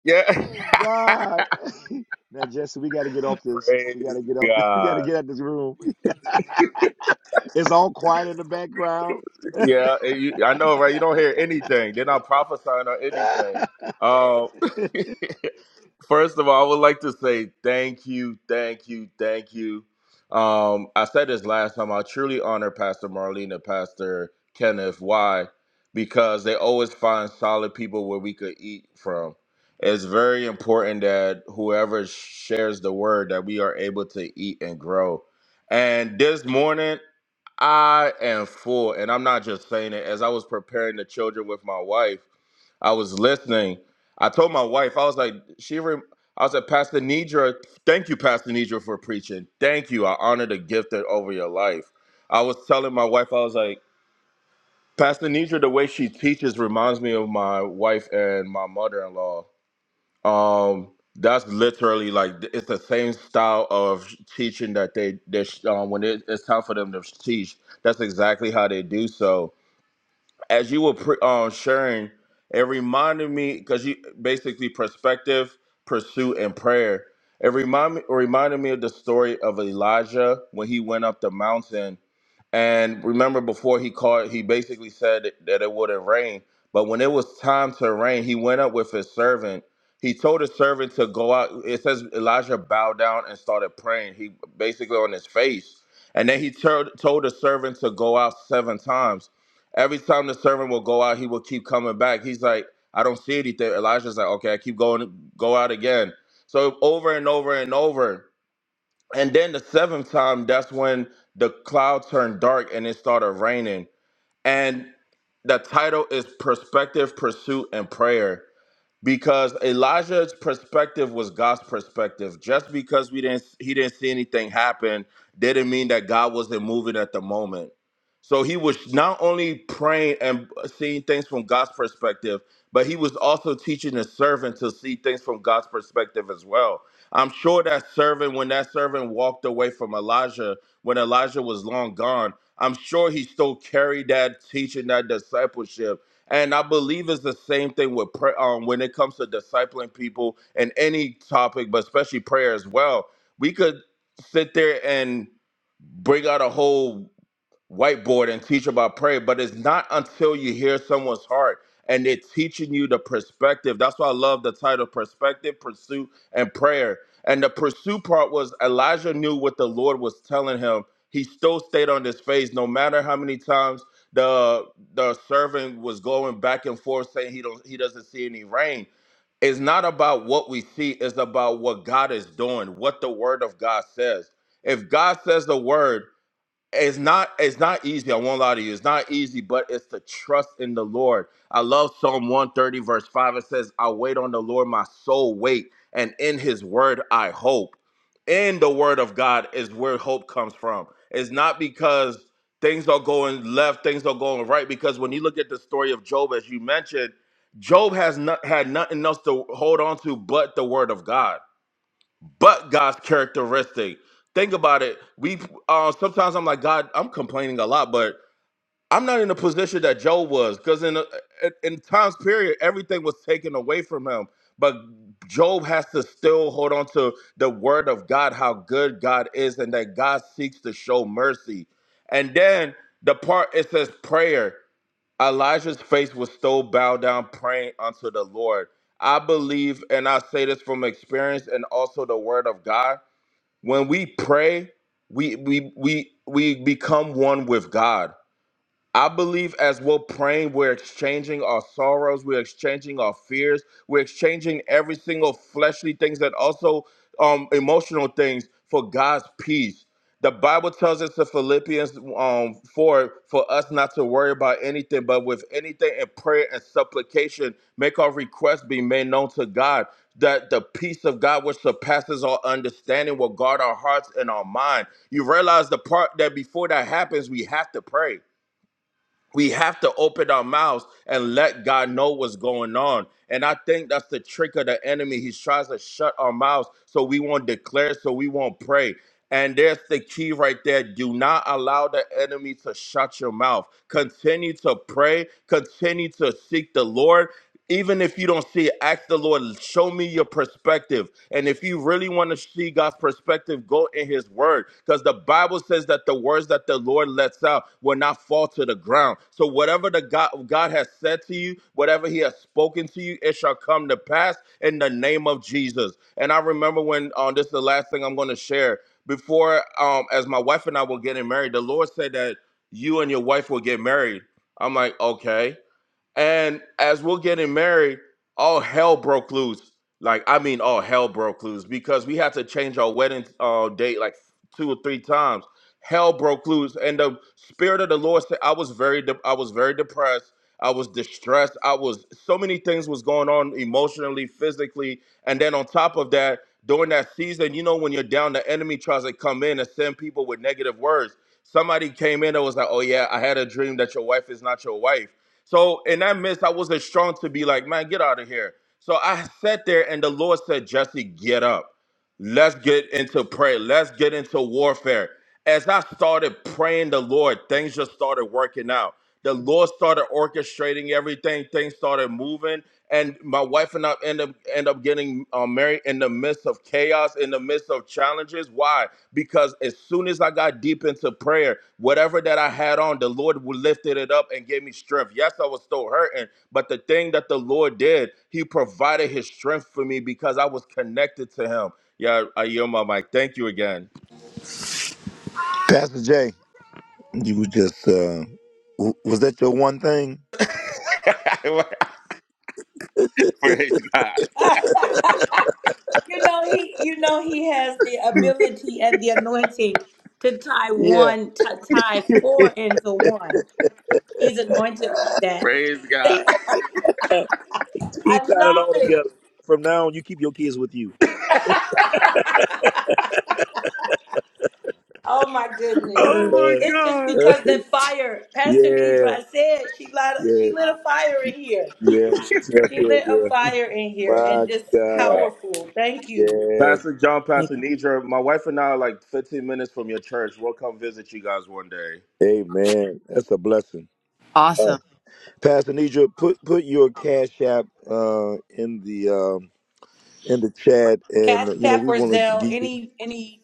yeah.
Oh God. now Jesse, we gotta get off this. We
Praise
gotta get off this. We
God.
gotta get out this room. it's all quiet in the background.
Yeah, and you, I know, right? You don't hear anything. They're not prophesying or anything. Um, first of all, I would like to say thank you, thank you, thank you. Um, I said this last time. I truly honor Pastor Marlene and Pastor Kenneth. Why? Because they always find solid people where we could eat from. It's very important that whoever shares the word that we are able to eat and grow. And this morning. I am full, and I'm not just saying it. As I was preparing the children with my wife, I was listening. I told my wife, I was like, she, rem- I was like, Pastor Nidra, thank you, Pastor Nidra, for preaching. Thank you. I honor the gift that over your life. I was telling my wife, I was like, Pastor Nidra, the way she teaches reminds me of my wife and my mother-in-law. Um, that's literally like th- it's the same style of teaching that they they sh- um, when it, it's time for them to teach. That's exactly how they do so. As you were pre- um, sharing, it reminded me because you basically perspective, pursuit, and prayer. It remind me, reminded me of the story of Elijah when he went up the mountain and remember, before he called, he basically said that it wouldn't rain. But when it was time to rain, he went up with his servant. He told his servant to go out. It says Elijah bowed down and started praying. He basically on his face. And then he told told the servant to go out seven times. Every time the servant will go out, he will keep coming back. He's like, I don't see anything. Elijah's like, okay, I keep going, go out again. So over and over and over. And then the seventh time, that's when the cloud turned dark and it started raining. And the title is Perspective, Pursuit, and Prayer because Elijah's perspective was God's perspective. Just because we didn't he didn't see anything happen didn't mean that God wasn't moving at the moment. So he was not only praying and seeing things from God's perspective, but he was also teaching the servant to see things from God's perspective as well. I'm sure that servant, when that servant walked away from Elijah, when Elijah was long gone, I'm sure he still carried that teaching, that discipleship and I believe it's the same thing with prayer um, when it comes to discipling people and any topic, but especially prayer as well. We could sit there and bring out a whole whiteboard and teach about prayer, but it's not until you hear someone's heart and they're teaching you the perspective. That's why I love the title Perspective, Pursuit, and Prayer. And the pursuit part was Elijah knew what the Lord was telling him. He still stayed on his face, no matter how many times the the servant was going back and forth saying he don't he doesn't see any rain. It's not about what we see, it's about what God is doing, what the word of God says. If God says the word, it's not it's not easy. I won't lie to you. It's not easy, but it's the trust in the Lord. I love Psalm 130, verse 5. It says, I wait on the Lord, my soul wait, and in his word I hope. In the word of God is where hope comes from. It's not because things are going left, things are going right, because when you look at the story of Job, as you mentioned, Job has not had nothing else to hold on to but the word of God but God's characteristic. Think about it. We uh, sometimes I'm like God. I'm complaining a lot, but I'm not in the position that Job was because in, in in times period everything was taken away from him. But Job has to still hold on to the word of God, how good God is, and that God seeks to show mercy. And then the part it says prayer. Elijah's face was still bowed down, praying unto the Lord. I believe, and I say this from experience and also the word of God. When we pray, we we we we become one with God. I believe as we're praying, we're exchanging our sorrows, we're exchanging our fears, we're exchanging every single fleshly things and also um, emotional things for God's peace. The Bible tells us in Philippians um, 4 for us not to worry about anything, but with anything in prayer and supplication, make our requests be made known to God. That the peace of God, which surpasses our understanding, will guard our hearts and our mind. You realize the part that before that happens, we have to pray we have to open our mouths and let God know what's going on. And I think that's the trick of the enemy. He tries to shut our mouths so we won't declare, so we won't pray. And there's the key right there. Do not allow the enemy to shut your mouth. Continue to pray. Continue to seek the Lord even if you don't see it, ask the Lord, show me your perspective. And if you really want to see God's perspective, go in His Word. Because the Bible says that the words that the Lord lets out will not fall to the ground. So whatever the God, God has said to you, whatever He has spoken to you, it shall come to pass in the name of Jesus. And I remember when, um, this is the last thing I'm going to share. Before, um, as my wife and I were getting married, the Lord said that you and your wife will get married. I'm like, okay. And as we're getting married, all hell broke loose. Like, I mean, all hell broke loose because we had to change our wedding uh, date like two or three times. Hell broke loose, and the spirit of the Lord said, "I was very, de- I was very depressed. I was distressed. I was so many things was going on emotionally, physically, and then on top of that, during that season, you know, when you're down, the enemy tries to come in and send people with negative words. Somebody came in and was like, "Oh yeah, I had a dream that your wife is not your wife." So in that midst, I wasn't strong to be like, man, get out of here. So I sat there and the Lord said, Jesse, get up. Let's get into prayer. Let's get into warfare. As I started praying the Lord, things just started working out. The Lord started orchestrating everything. Things started moving, and my wife and I end up end up getting uh, married in the midst of chaos, in the midst of challenges. Why? Because as soon as I got deep into prayer, whatever that I had on, the Lord lifted it up and gave me strength. Yes, I was still hurting, but the thing that the Lord did, He provided His strength for me because I was connected to Him. Yeah, I yield my mic. Thank you again.
Pastor Jay, you were just uh w- was that your one thing?
Praise God.
you know he you know he has the ability and the anointing to tie one to tie four into one. He's anointed like that.
Praise God.
He
I
tied it
love
all
it.
together. From now on, you keep your kids with you.
Oh my goodness.
Oh my
yeah,
It's just
God.
because that fire, Pastor
yeah,
Nidra said she lit,
yeah.
she lit a fire in here.
yeah. She's up
She
here.
lit a
Yeah.
fire in here and
My
just
God.
Uh,
powerful. Thank you.
Yes.
Pastor John,
Thank
Pastor Nidra, my wife and I are like 15 minutes from your church. We'll come visit you guys one day.
Amen. That's a blessing. Uh,
Awesome.
Pastor Nidra, put put your cash app uh, in the um, in the chat,
Cash
and you know
App
we
or
want to
Zelle,
give you
any any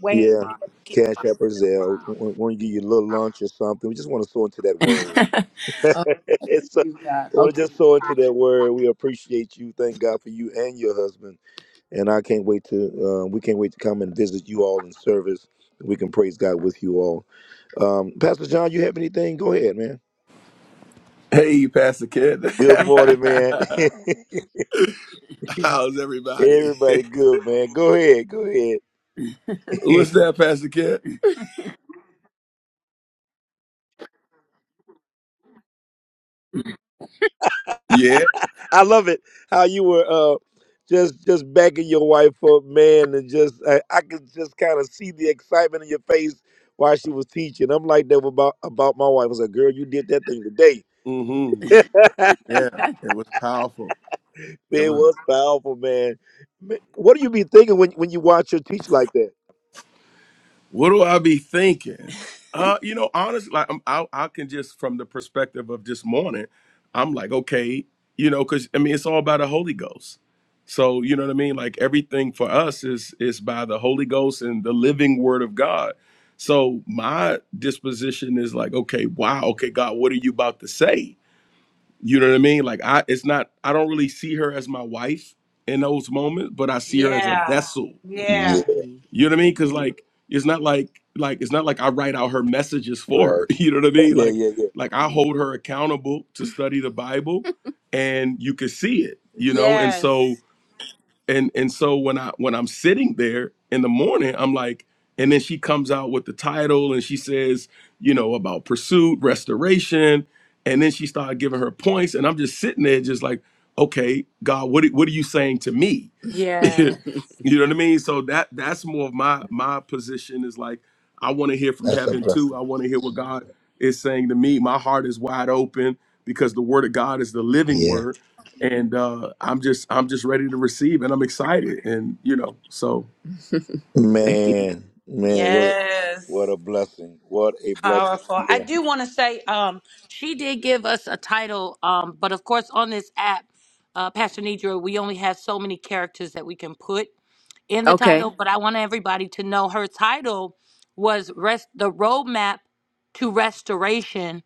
way
yeah
that we can
cash
use.
app or Zelle. We want to give you a little lunch or something. We just want to sow into that word.
oh,
it's a,
praise God.
well,
Okay.
just so into that word, we appreciate you. Thank God for you and your husband. And I can't wait to, uh, we can't wait to come and visit you all in service. We can praise God with you all. Um, Pastor John, you have anything? Go ahead, man.
Hey, Pastor Kid.
Good morning, man.
How's everybody?
Everybody good, man. Go ahead. Go ahead.
What's that, Pastor Cat? Yeah.
I love it how you were uh, just just backing your wife up, man, and just I, I could just kind of see the excitement in your face while she was teaching. I'm like that about about my wife. I was like, girl, you did that thing today.
Mm-hmm. Yeah. It was powerful.
Man,
It
it
was.
was powerful, man. Ma- What do you be thinking when when you watch her teach like that?
What do I be thinking? Uh, you know, honestly, like I'm, I, I can just from the perspective of this morning, I'm like, okay, you know, because I mean, it's all about the Holy Ghost. So you know what I mean? Like everything for us is is by the Holy Ghost and the living Word of God. So my disposition is like, okay, wow, okay, God, what are you about to say? You know what I mean? Like I it's not I don't really see her as my wife in those moments, but I see her as a
Yeah,
vessel.
Yeah,
yeah,
Mhm. You know what I mean? Cause like it's not like like it's not like I write out her messages for
right.
her. You know what I
Yeah,
mean?
yeah,
Like
yeah. yeah.
like I hold her accountable to study the Bible and you can see it, you know? And
yes,
so and and so when i when i'm sitting there in the morning i'm like and then she comes out with the title and she says you know about pursuit restoration and then she started giving her points and i'm just sitting there just like okay god what are- what are you saying to me
yeah,
you know what i mean so that that's more of my my position is like i want to hear from
That's a
heaven too
blessing.
i want to hear what god is saying to me my heart is wide open because the word of god is the living
Yeah.
word and uh, I'm just I'm just ready to receive, and I'm excited, and you know, so Thank you.
Man, man, what what
yes.
a blessing. What a blessing.
Powerful. I
Yeah,
do want to say, um, she did give us a title, um, but of course on this app, uh, Pastor Nidra, we only have so many characters that we can put in the
Okay.
title. But I want everybody to know her title was rest the roadmap to restoration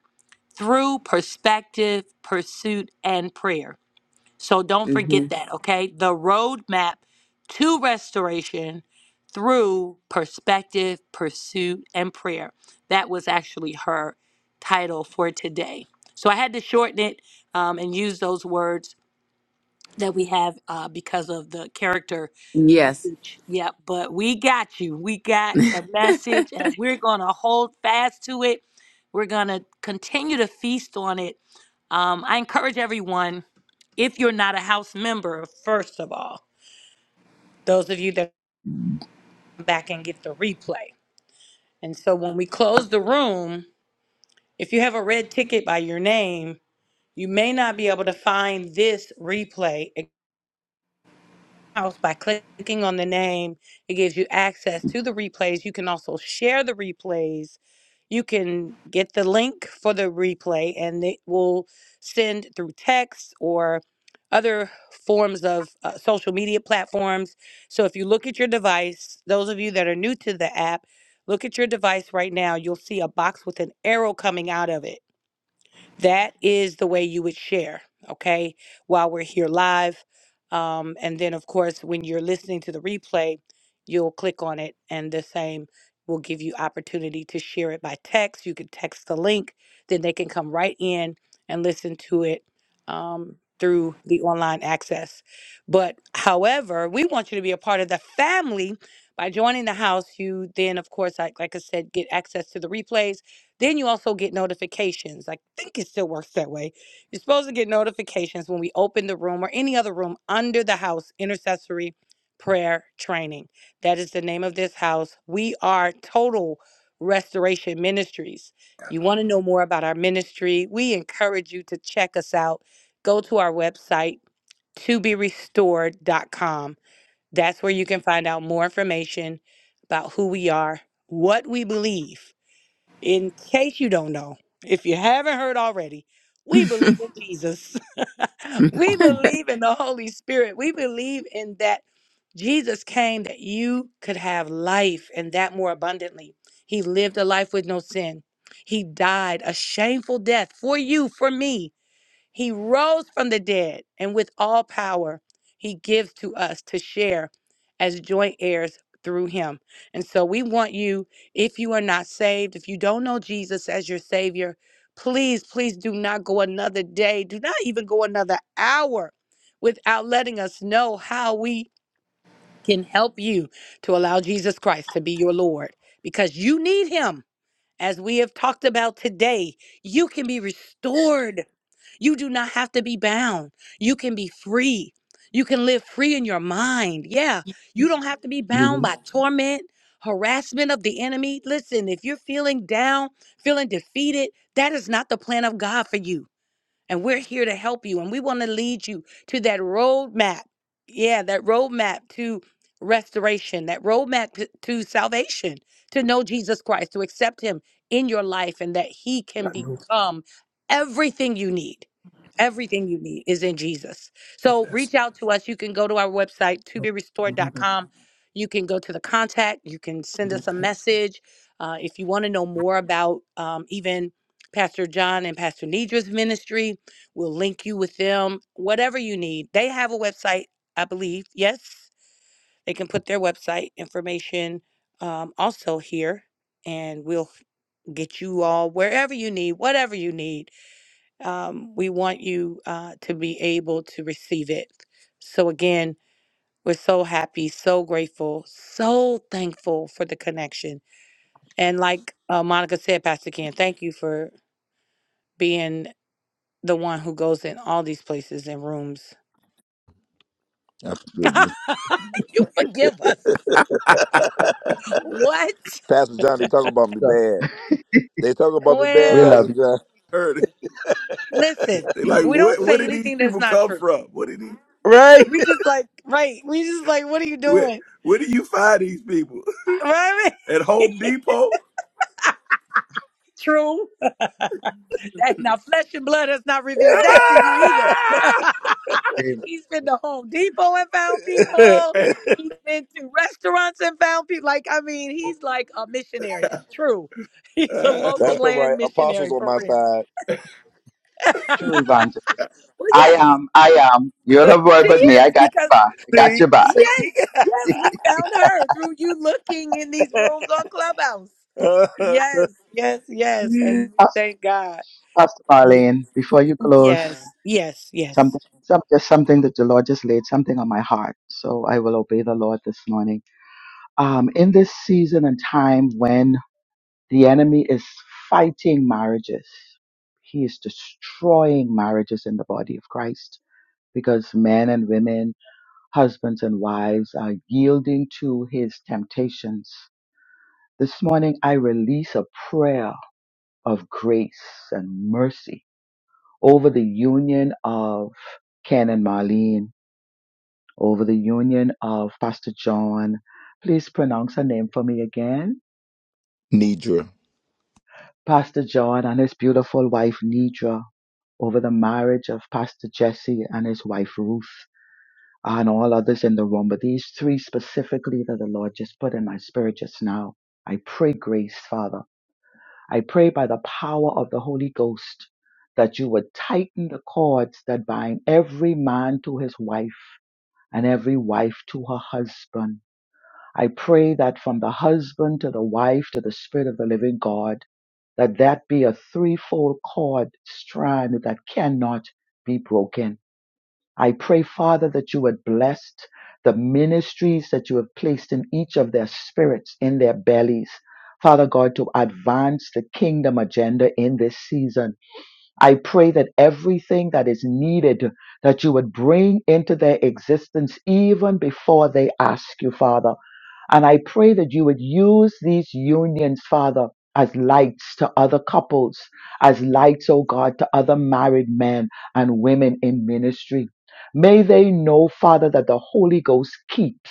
through perspective, pursuit, and prayer. So don't
Mm-hmm.
forget that, okay? The roadmap to restoration through perspective, pursuit, and prayer. That was actually her title for today. So I had to shorten it um, and use those words that we have uh, because of the character
Yes.
usage. Yeah, but we got you. We got the message, and we're going to hold fast to it. We're going to continue to feast on it. Um, I encourage everyone, if you're not a house member, first of all, those of you that come back and get the replay. And so when we close the room, if you have a red ticket by your name, you may not be able to find this replay house by clicking on the name. It gives you access to the replays. You can also share the replays. You can get the link for the replay, and it will send through text or other forms of uh, social media platforms. So if you look at your device, those of you that are new to the app, look at your device right now. You'll see a box with an arrow coming out of it that is the way you would share, okay, while we're here live. Um, and then, of course, when you're listening to the replay, you'll click on it, and the same will give you opportunity to share it by text. You can text the link, then they can come right in and listen to it um, through the online access. But however, we want you to be a part of the family by joining the house. You then, of course, like, like I said, get access to the replays then you also get notifications. I think it still works that way. You're supposed to get notifications when we open the room or any other room under the house intercessory prayer training. That is the name of this house. We are Total Restoration Ministries. You want to know more about our ministry? We encourage you to check us out. Go to our website, to be restored dot com. That's where you can find out more information about who we are, what we believe in case you don't know, if you haven't heard already, we believe in Jesus. we believe in the Holy Spirit. We believe in that Jesus came that you could have life and that more abundantly. He lived a life with no sin. He died a shameful death for you, for me he rose from the dead, and with all power, he gives to us to share as joint heirs through him. And so we want you, if you are not saved, if you don't know Jesus as your Savior, please, please do not go another day, do not even go another hour without letting us know how we can help you to allow Jesus Christ to be your Lord because you need him. As we have talked about today, you can be restored. You do not have to be bound. You can be free. You can live free in your mind. Yeah, you don't have to be bound
hmm
by torment, harassment of the enemy. Listen, if you're feeling down, feeling defeated, that is not the plan of God for you. And we're here to help you. And we want to lead you to that roadmap. Yeah, that roadmap to restoration, that roadmap to to salvation, to know Jesus Christ, to accept Him in your life, and that He can
I know
become everything you need. Everything you need is in Jesus.
like
So
that's
reach out to us. You can go to our website,
your mother.
toberestored.com. You can go to the contact. You can send
Your
us a
pet.
message. Uh, if you want to know more about um, even Pastor John and Pastor Nidra's ministry, We'll link you with them, whatever you need. They have a website, I believe. Yes, they can put their website information um, also here, and we'll get you all wherever you need, whatever you need. Um, we want you uh, to be able to receive it. So, again, we're so happy, so grateful, so thankful for the connection. And like uh, Monica said, Pastor Ken, thank you for being the one who goes in all these places and rooms
absolutely.
you forgive us. What?
Pastor John, they talk about me
So
bad. They talk about me bad,
we
Well,
Pastor
love
John.
Heard it.
listen,
They like
we don't
what? Where
say
did these
anything that's
people
not
come
true.
from? What did he?
Right?
We just like, right? We just like, what are you
Where?
doing?
Where do you find these people?
Right?
At Home Depot?
true. That, now, flesh and blood has not revealed that to you either.
you.
He's been to Home Depot and found people.
Ah!
He's been to restaurants and found people. Like, I mean, he's like a missionary. True. He's a local
That's all
land
right. Apostles
missionary
on
for
my
real.
side.
True evangelist.
Well,
I
yes,
am. I am. You're the word
she
with me. I
is
got
because
your back. I got your back.
Yes, yes, we found her through you looking in these rooms on Clubhouse. Yes, yes, yes, and
Pastor,
thank God.
Pastor
Ye-
Marlene, before you close,
Yes, yes, yes.
something, some, just something that the Lord just laid something on my heart. So I will obey the Lord this morning. Um, in this season and time when the enemy is fighting marriages, he is destroying marriages in the body of Christ because men and women, husbands and wives are yielding to his temptations This morning, I release a prayer of grace and mercy over the union of Ken and Marlene, over the union of Pastor John. Please pronounce her name for me again.
Nidra.
Pastor John and his beautiful wife, Nidra, over the marriage of Pastor Jesse and his wife, Ruth, and all others in the room. But these three specifically that the Lord just put in my spirit just now. I pray grace, Father. I pray by the power of the Holy Ghost that you would tighten the cords that bind every man to his wife and every wife to her husband. I pray that from the husband to the wife to the Spirit of the living God, that that be a threefold cord strand that cannot be broken. I pray, Father, that you would bless the ministries that you have placed in each of their spirits, in their bellies. Father God, to advance the kingdom agenda in this season. I pray that everything that is needed, that you would bring into their existence even before they ask you, Father. And I pray that you would use these unions, Father, as lights to other couples, as lights, oh God, to other married men and women in ministry. May they know, Father, that the Holy Ghost keeps.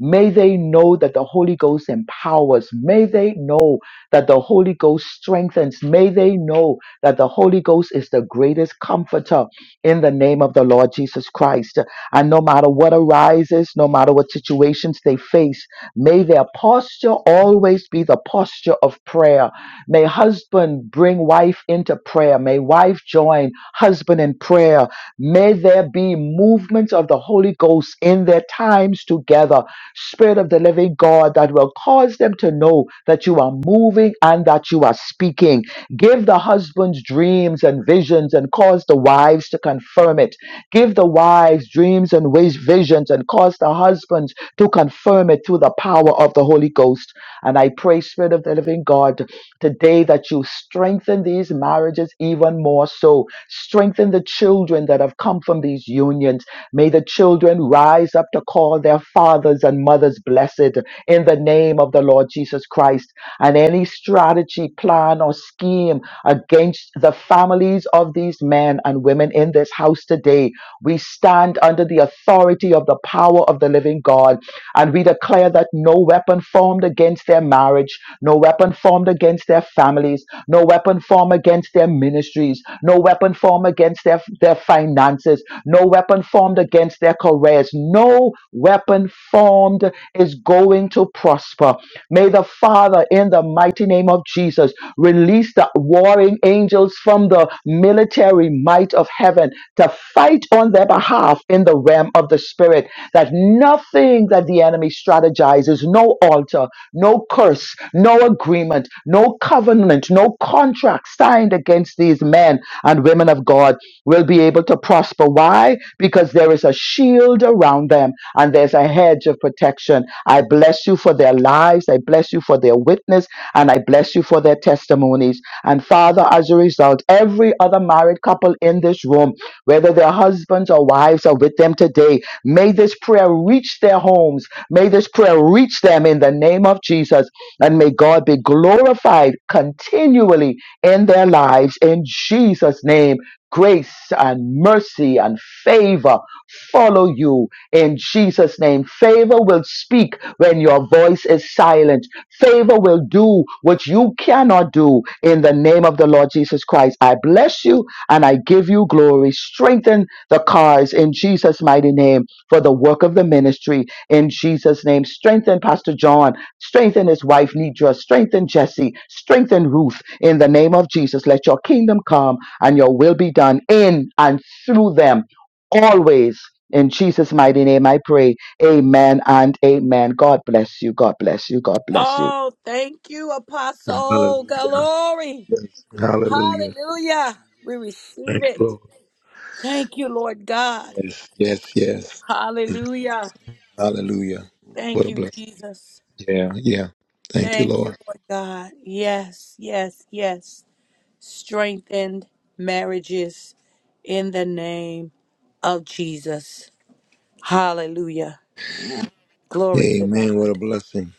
May they know that the Holy Ghost empowers. May they know that the Holy Ghost strengthens. May they know that the Holy Ghost is the greatest comforter in the name of the Lord Jesus Christ. And no matter what arises, no matter what situations they face, may their posture always be the posture of prayer. May husband bring wife into prayer. May wife join husband in prayer. May there be movements of the Holy Ghost in their times together. Spirit of the living God, that will cause them to know that you are moving and that you are speaking Give the husbands dreams and visions and cause the wives to confirm it. Give the wives dreams and wis- visions and cause the husbands to confirm it through the power of the Holy Ghost. And I pray, Spirit of the living God, today that you strengthen these marriages even more so Strengthen the children that have come from these unions. May the children rise up to call their fathers and mothers blessed in the name of the Lord Jesus Christ. And any strategy, plan, or scheme against the families of these men and women in this house today, we stand under the authority of the power of the living God. And we declare that no weapon formed against their marriage, no weapon formed against their families, no weapon formed against their ministry ministries, no weapon formed against their, their finances, no weapon formed against their careers, no weapon formed is going to prosper. May the Father, in the mighty name of Jesus, release the warring angels from the military might of heaven to fight on their behalf in the realm of the Spirit. That nothing that the enemy strategizes, no altar, no curse, no agreement, no covenant, no contract signed joined against these men and women of God will be able to prosper. Why? Because there is a shield around them and there's a hedge of protection. I bless you for their lives. I bless you for their witness and I bless you for their testimonies. And Father, as a result, every other married couple in this room, whether their husbands or wives are with them today, may this prayer reach their homes. May this prayer reach them in the name of Jesus. And may God be glorified continually in their lives. In Jesus' name, grace and mercy and favor follow you. In Jesus' name, favor will speak when your voice is silent. Favor will do what you cannot do in the name of the Lord Jesus Christ. I bless you and I give you glory. Strengthen the cause in Jesus' mighty name for the work of the ministry. In Jesus' name, strengthen Pastor John Strengthen his wife, Nidra. Strengthen Jesse. Strengthen Ruth. In the name of Jesus, let your kingdom come and your will be done in and through them always. In Jesus' mighty name, I pray. Amen and amen. God bless you. God bless you. God bless you.
Oh, thank you, Apostle. Glory. Hallelujah. We receive it. Thank you, Lord God. Hallelujah.
Hallelujah. What
Thank
a
you,
blessing.
Jesus.
Yeah. Yeah. Thank you,
Thank you,
Lord.
Lord God. Yes, yes, yes. Strengthened marriages in the name of Jesus. Hallelujah. Glory to
Amen. What a
God.
blessing.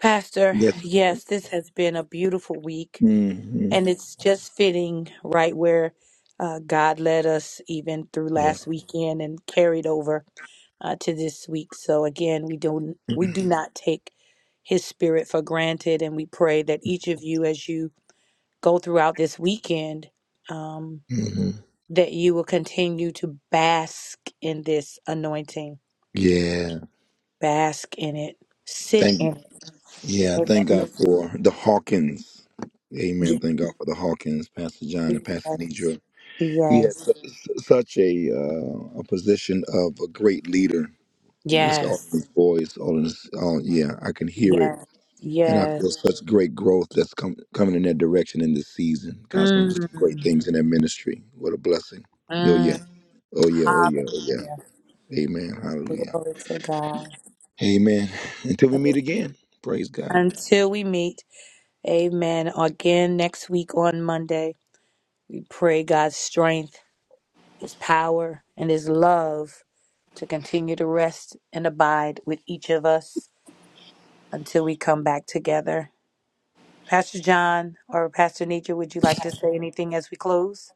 Pastor,
Yes.
yes, this has been a beautiful week,
hmm
and it's just fitting right where uh, God led us even through
Yeah.
last weekend and carried over uh, to this week. So again, we don't we do not take His Spirit for granted, and we pray that each of you, as you go throughout this weekend, um,
hmm
that you will continue to bask in this anointing
Yeah.
Bask in it. Sit
Thank
in
yeah,
it.
thank
Amen.
God for the Hawkins.
Yes.
Amen. Thank God for the Hawkins, Pastor John and Pastor
Yes.
Nidra. He had su-
Yes.
su- such a uh, a position of a great leader. It's all in his voice, all in his, all, yeah, I can hear it.
Yes.
And I
Yes.
feel such great growth that's com- coming in that direction in this season. God's going to do some great
Mm.
things in that ministry. What a blessing. Oh,
Mm.
yeah. Oh, yeah. Oh, yeah. Oh,
Hallelujah.
yeah. Amen. Hallelujah.
Glory to God.
Amen. Until we meet again. Praise God.
Until we meet, amen. Again next week on Monday, we pray God's strength, His power, and His love to continue to rest and abide with each of us until we come back together. Pastor John or Pastor Nietzsche, would you like to say anything as we close?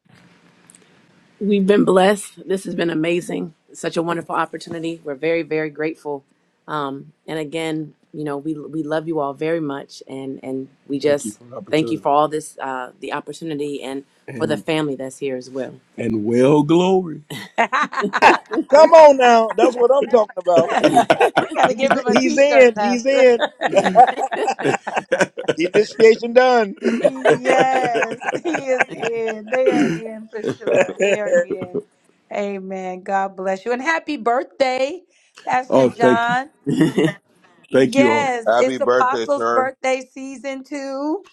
We've been blessed. This has been amazing. Such a
we
wonderful opportunity. We're very, very grateful. Um, and again, you know, we we love you all very much, and and we Thank you just for the thank you opportunity. for all this, uh, the opportunity, and for the And family that's here as well. and well glory.
Come on now. That's what I'm talking about.
got to give
he's,
him a
he's
t
in.
shirt,
He's
Pastor.
in. Initiation done.
yes, he is in. They are in for sure. They are in. Amen. God bless you. And happy birthday, Pastor
oh, thank you.
John.
Thank you all.
Yes,
Happy
it's
birthday,
Apostles'
sir.
birthday season too.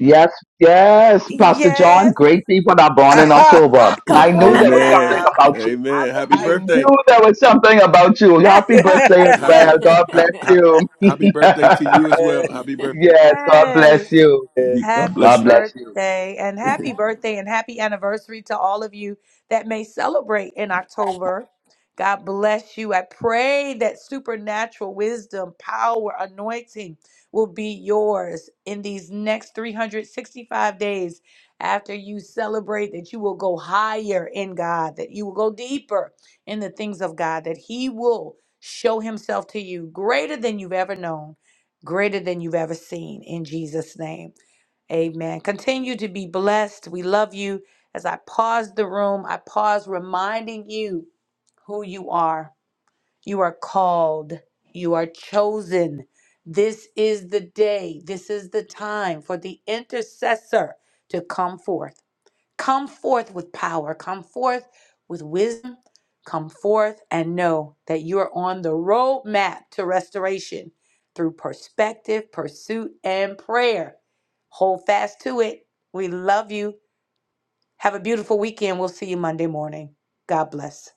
Yes, yes, Pastor John.
Yes,
Great people that are born in October. I
come
knew
on
there was something
Amen.
now.
about you.
I
Amen. Happy
I
believe
knew
birthday.
there was something about you.
it.
Happy birthday as
Happy
well. God
ha,
bless
ha-
you.
happy birthday to
yes,
you as well. Happy birthday.
God
yes.
bless you.
God
Happy
bless
God
you.
bless you.
birthday and happy birthday and happy anniversary to all of you that may celebrate in October. God bless you. I pray that supernatural wisdom, power, anointing will be yours in these next 365 days after you celebrate, that you will go higher in God, that you will go deeper in the things of God, that He will show Himself to you greater than you've ever known, greater than you've ever seen in Jesus' name. Amen. Continue to be blessed. We love you. As I pause the room, I pause reminding you who you are. You are called, you are chosen. This is the day, this is the time for the intercessor to come forth. Come forth with power, come forth with wisdom, come forth and know that you are on the roadmap to restoration through perspective, pursuit, and prayer. Hold fast to it. We love you. Have a beautiful weekend. We'll see you Monday morning. God bless.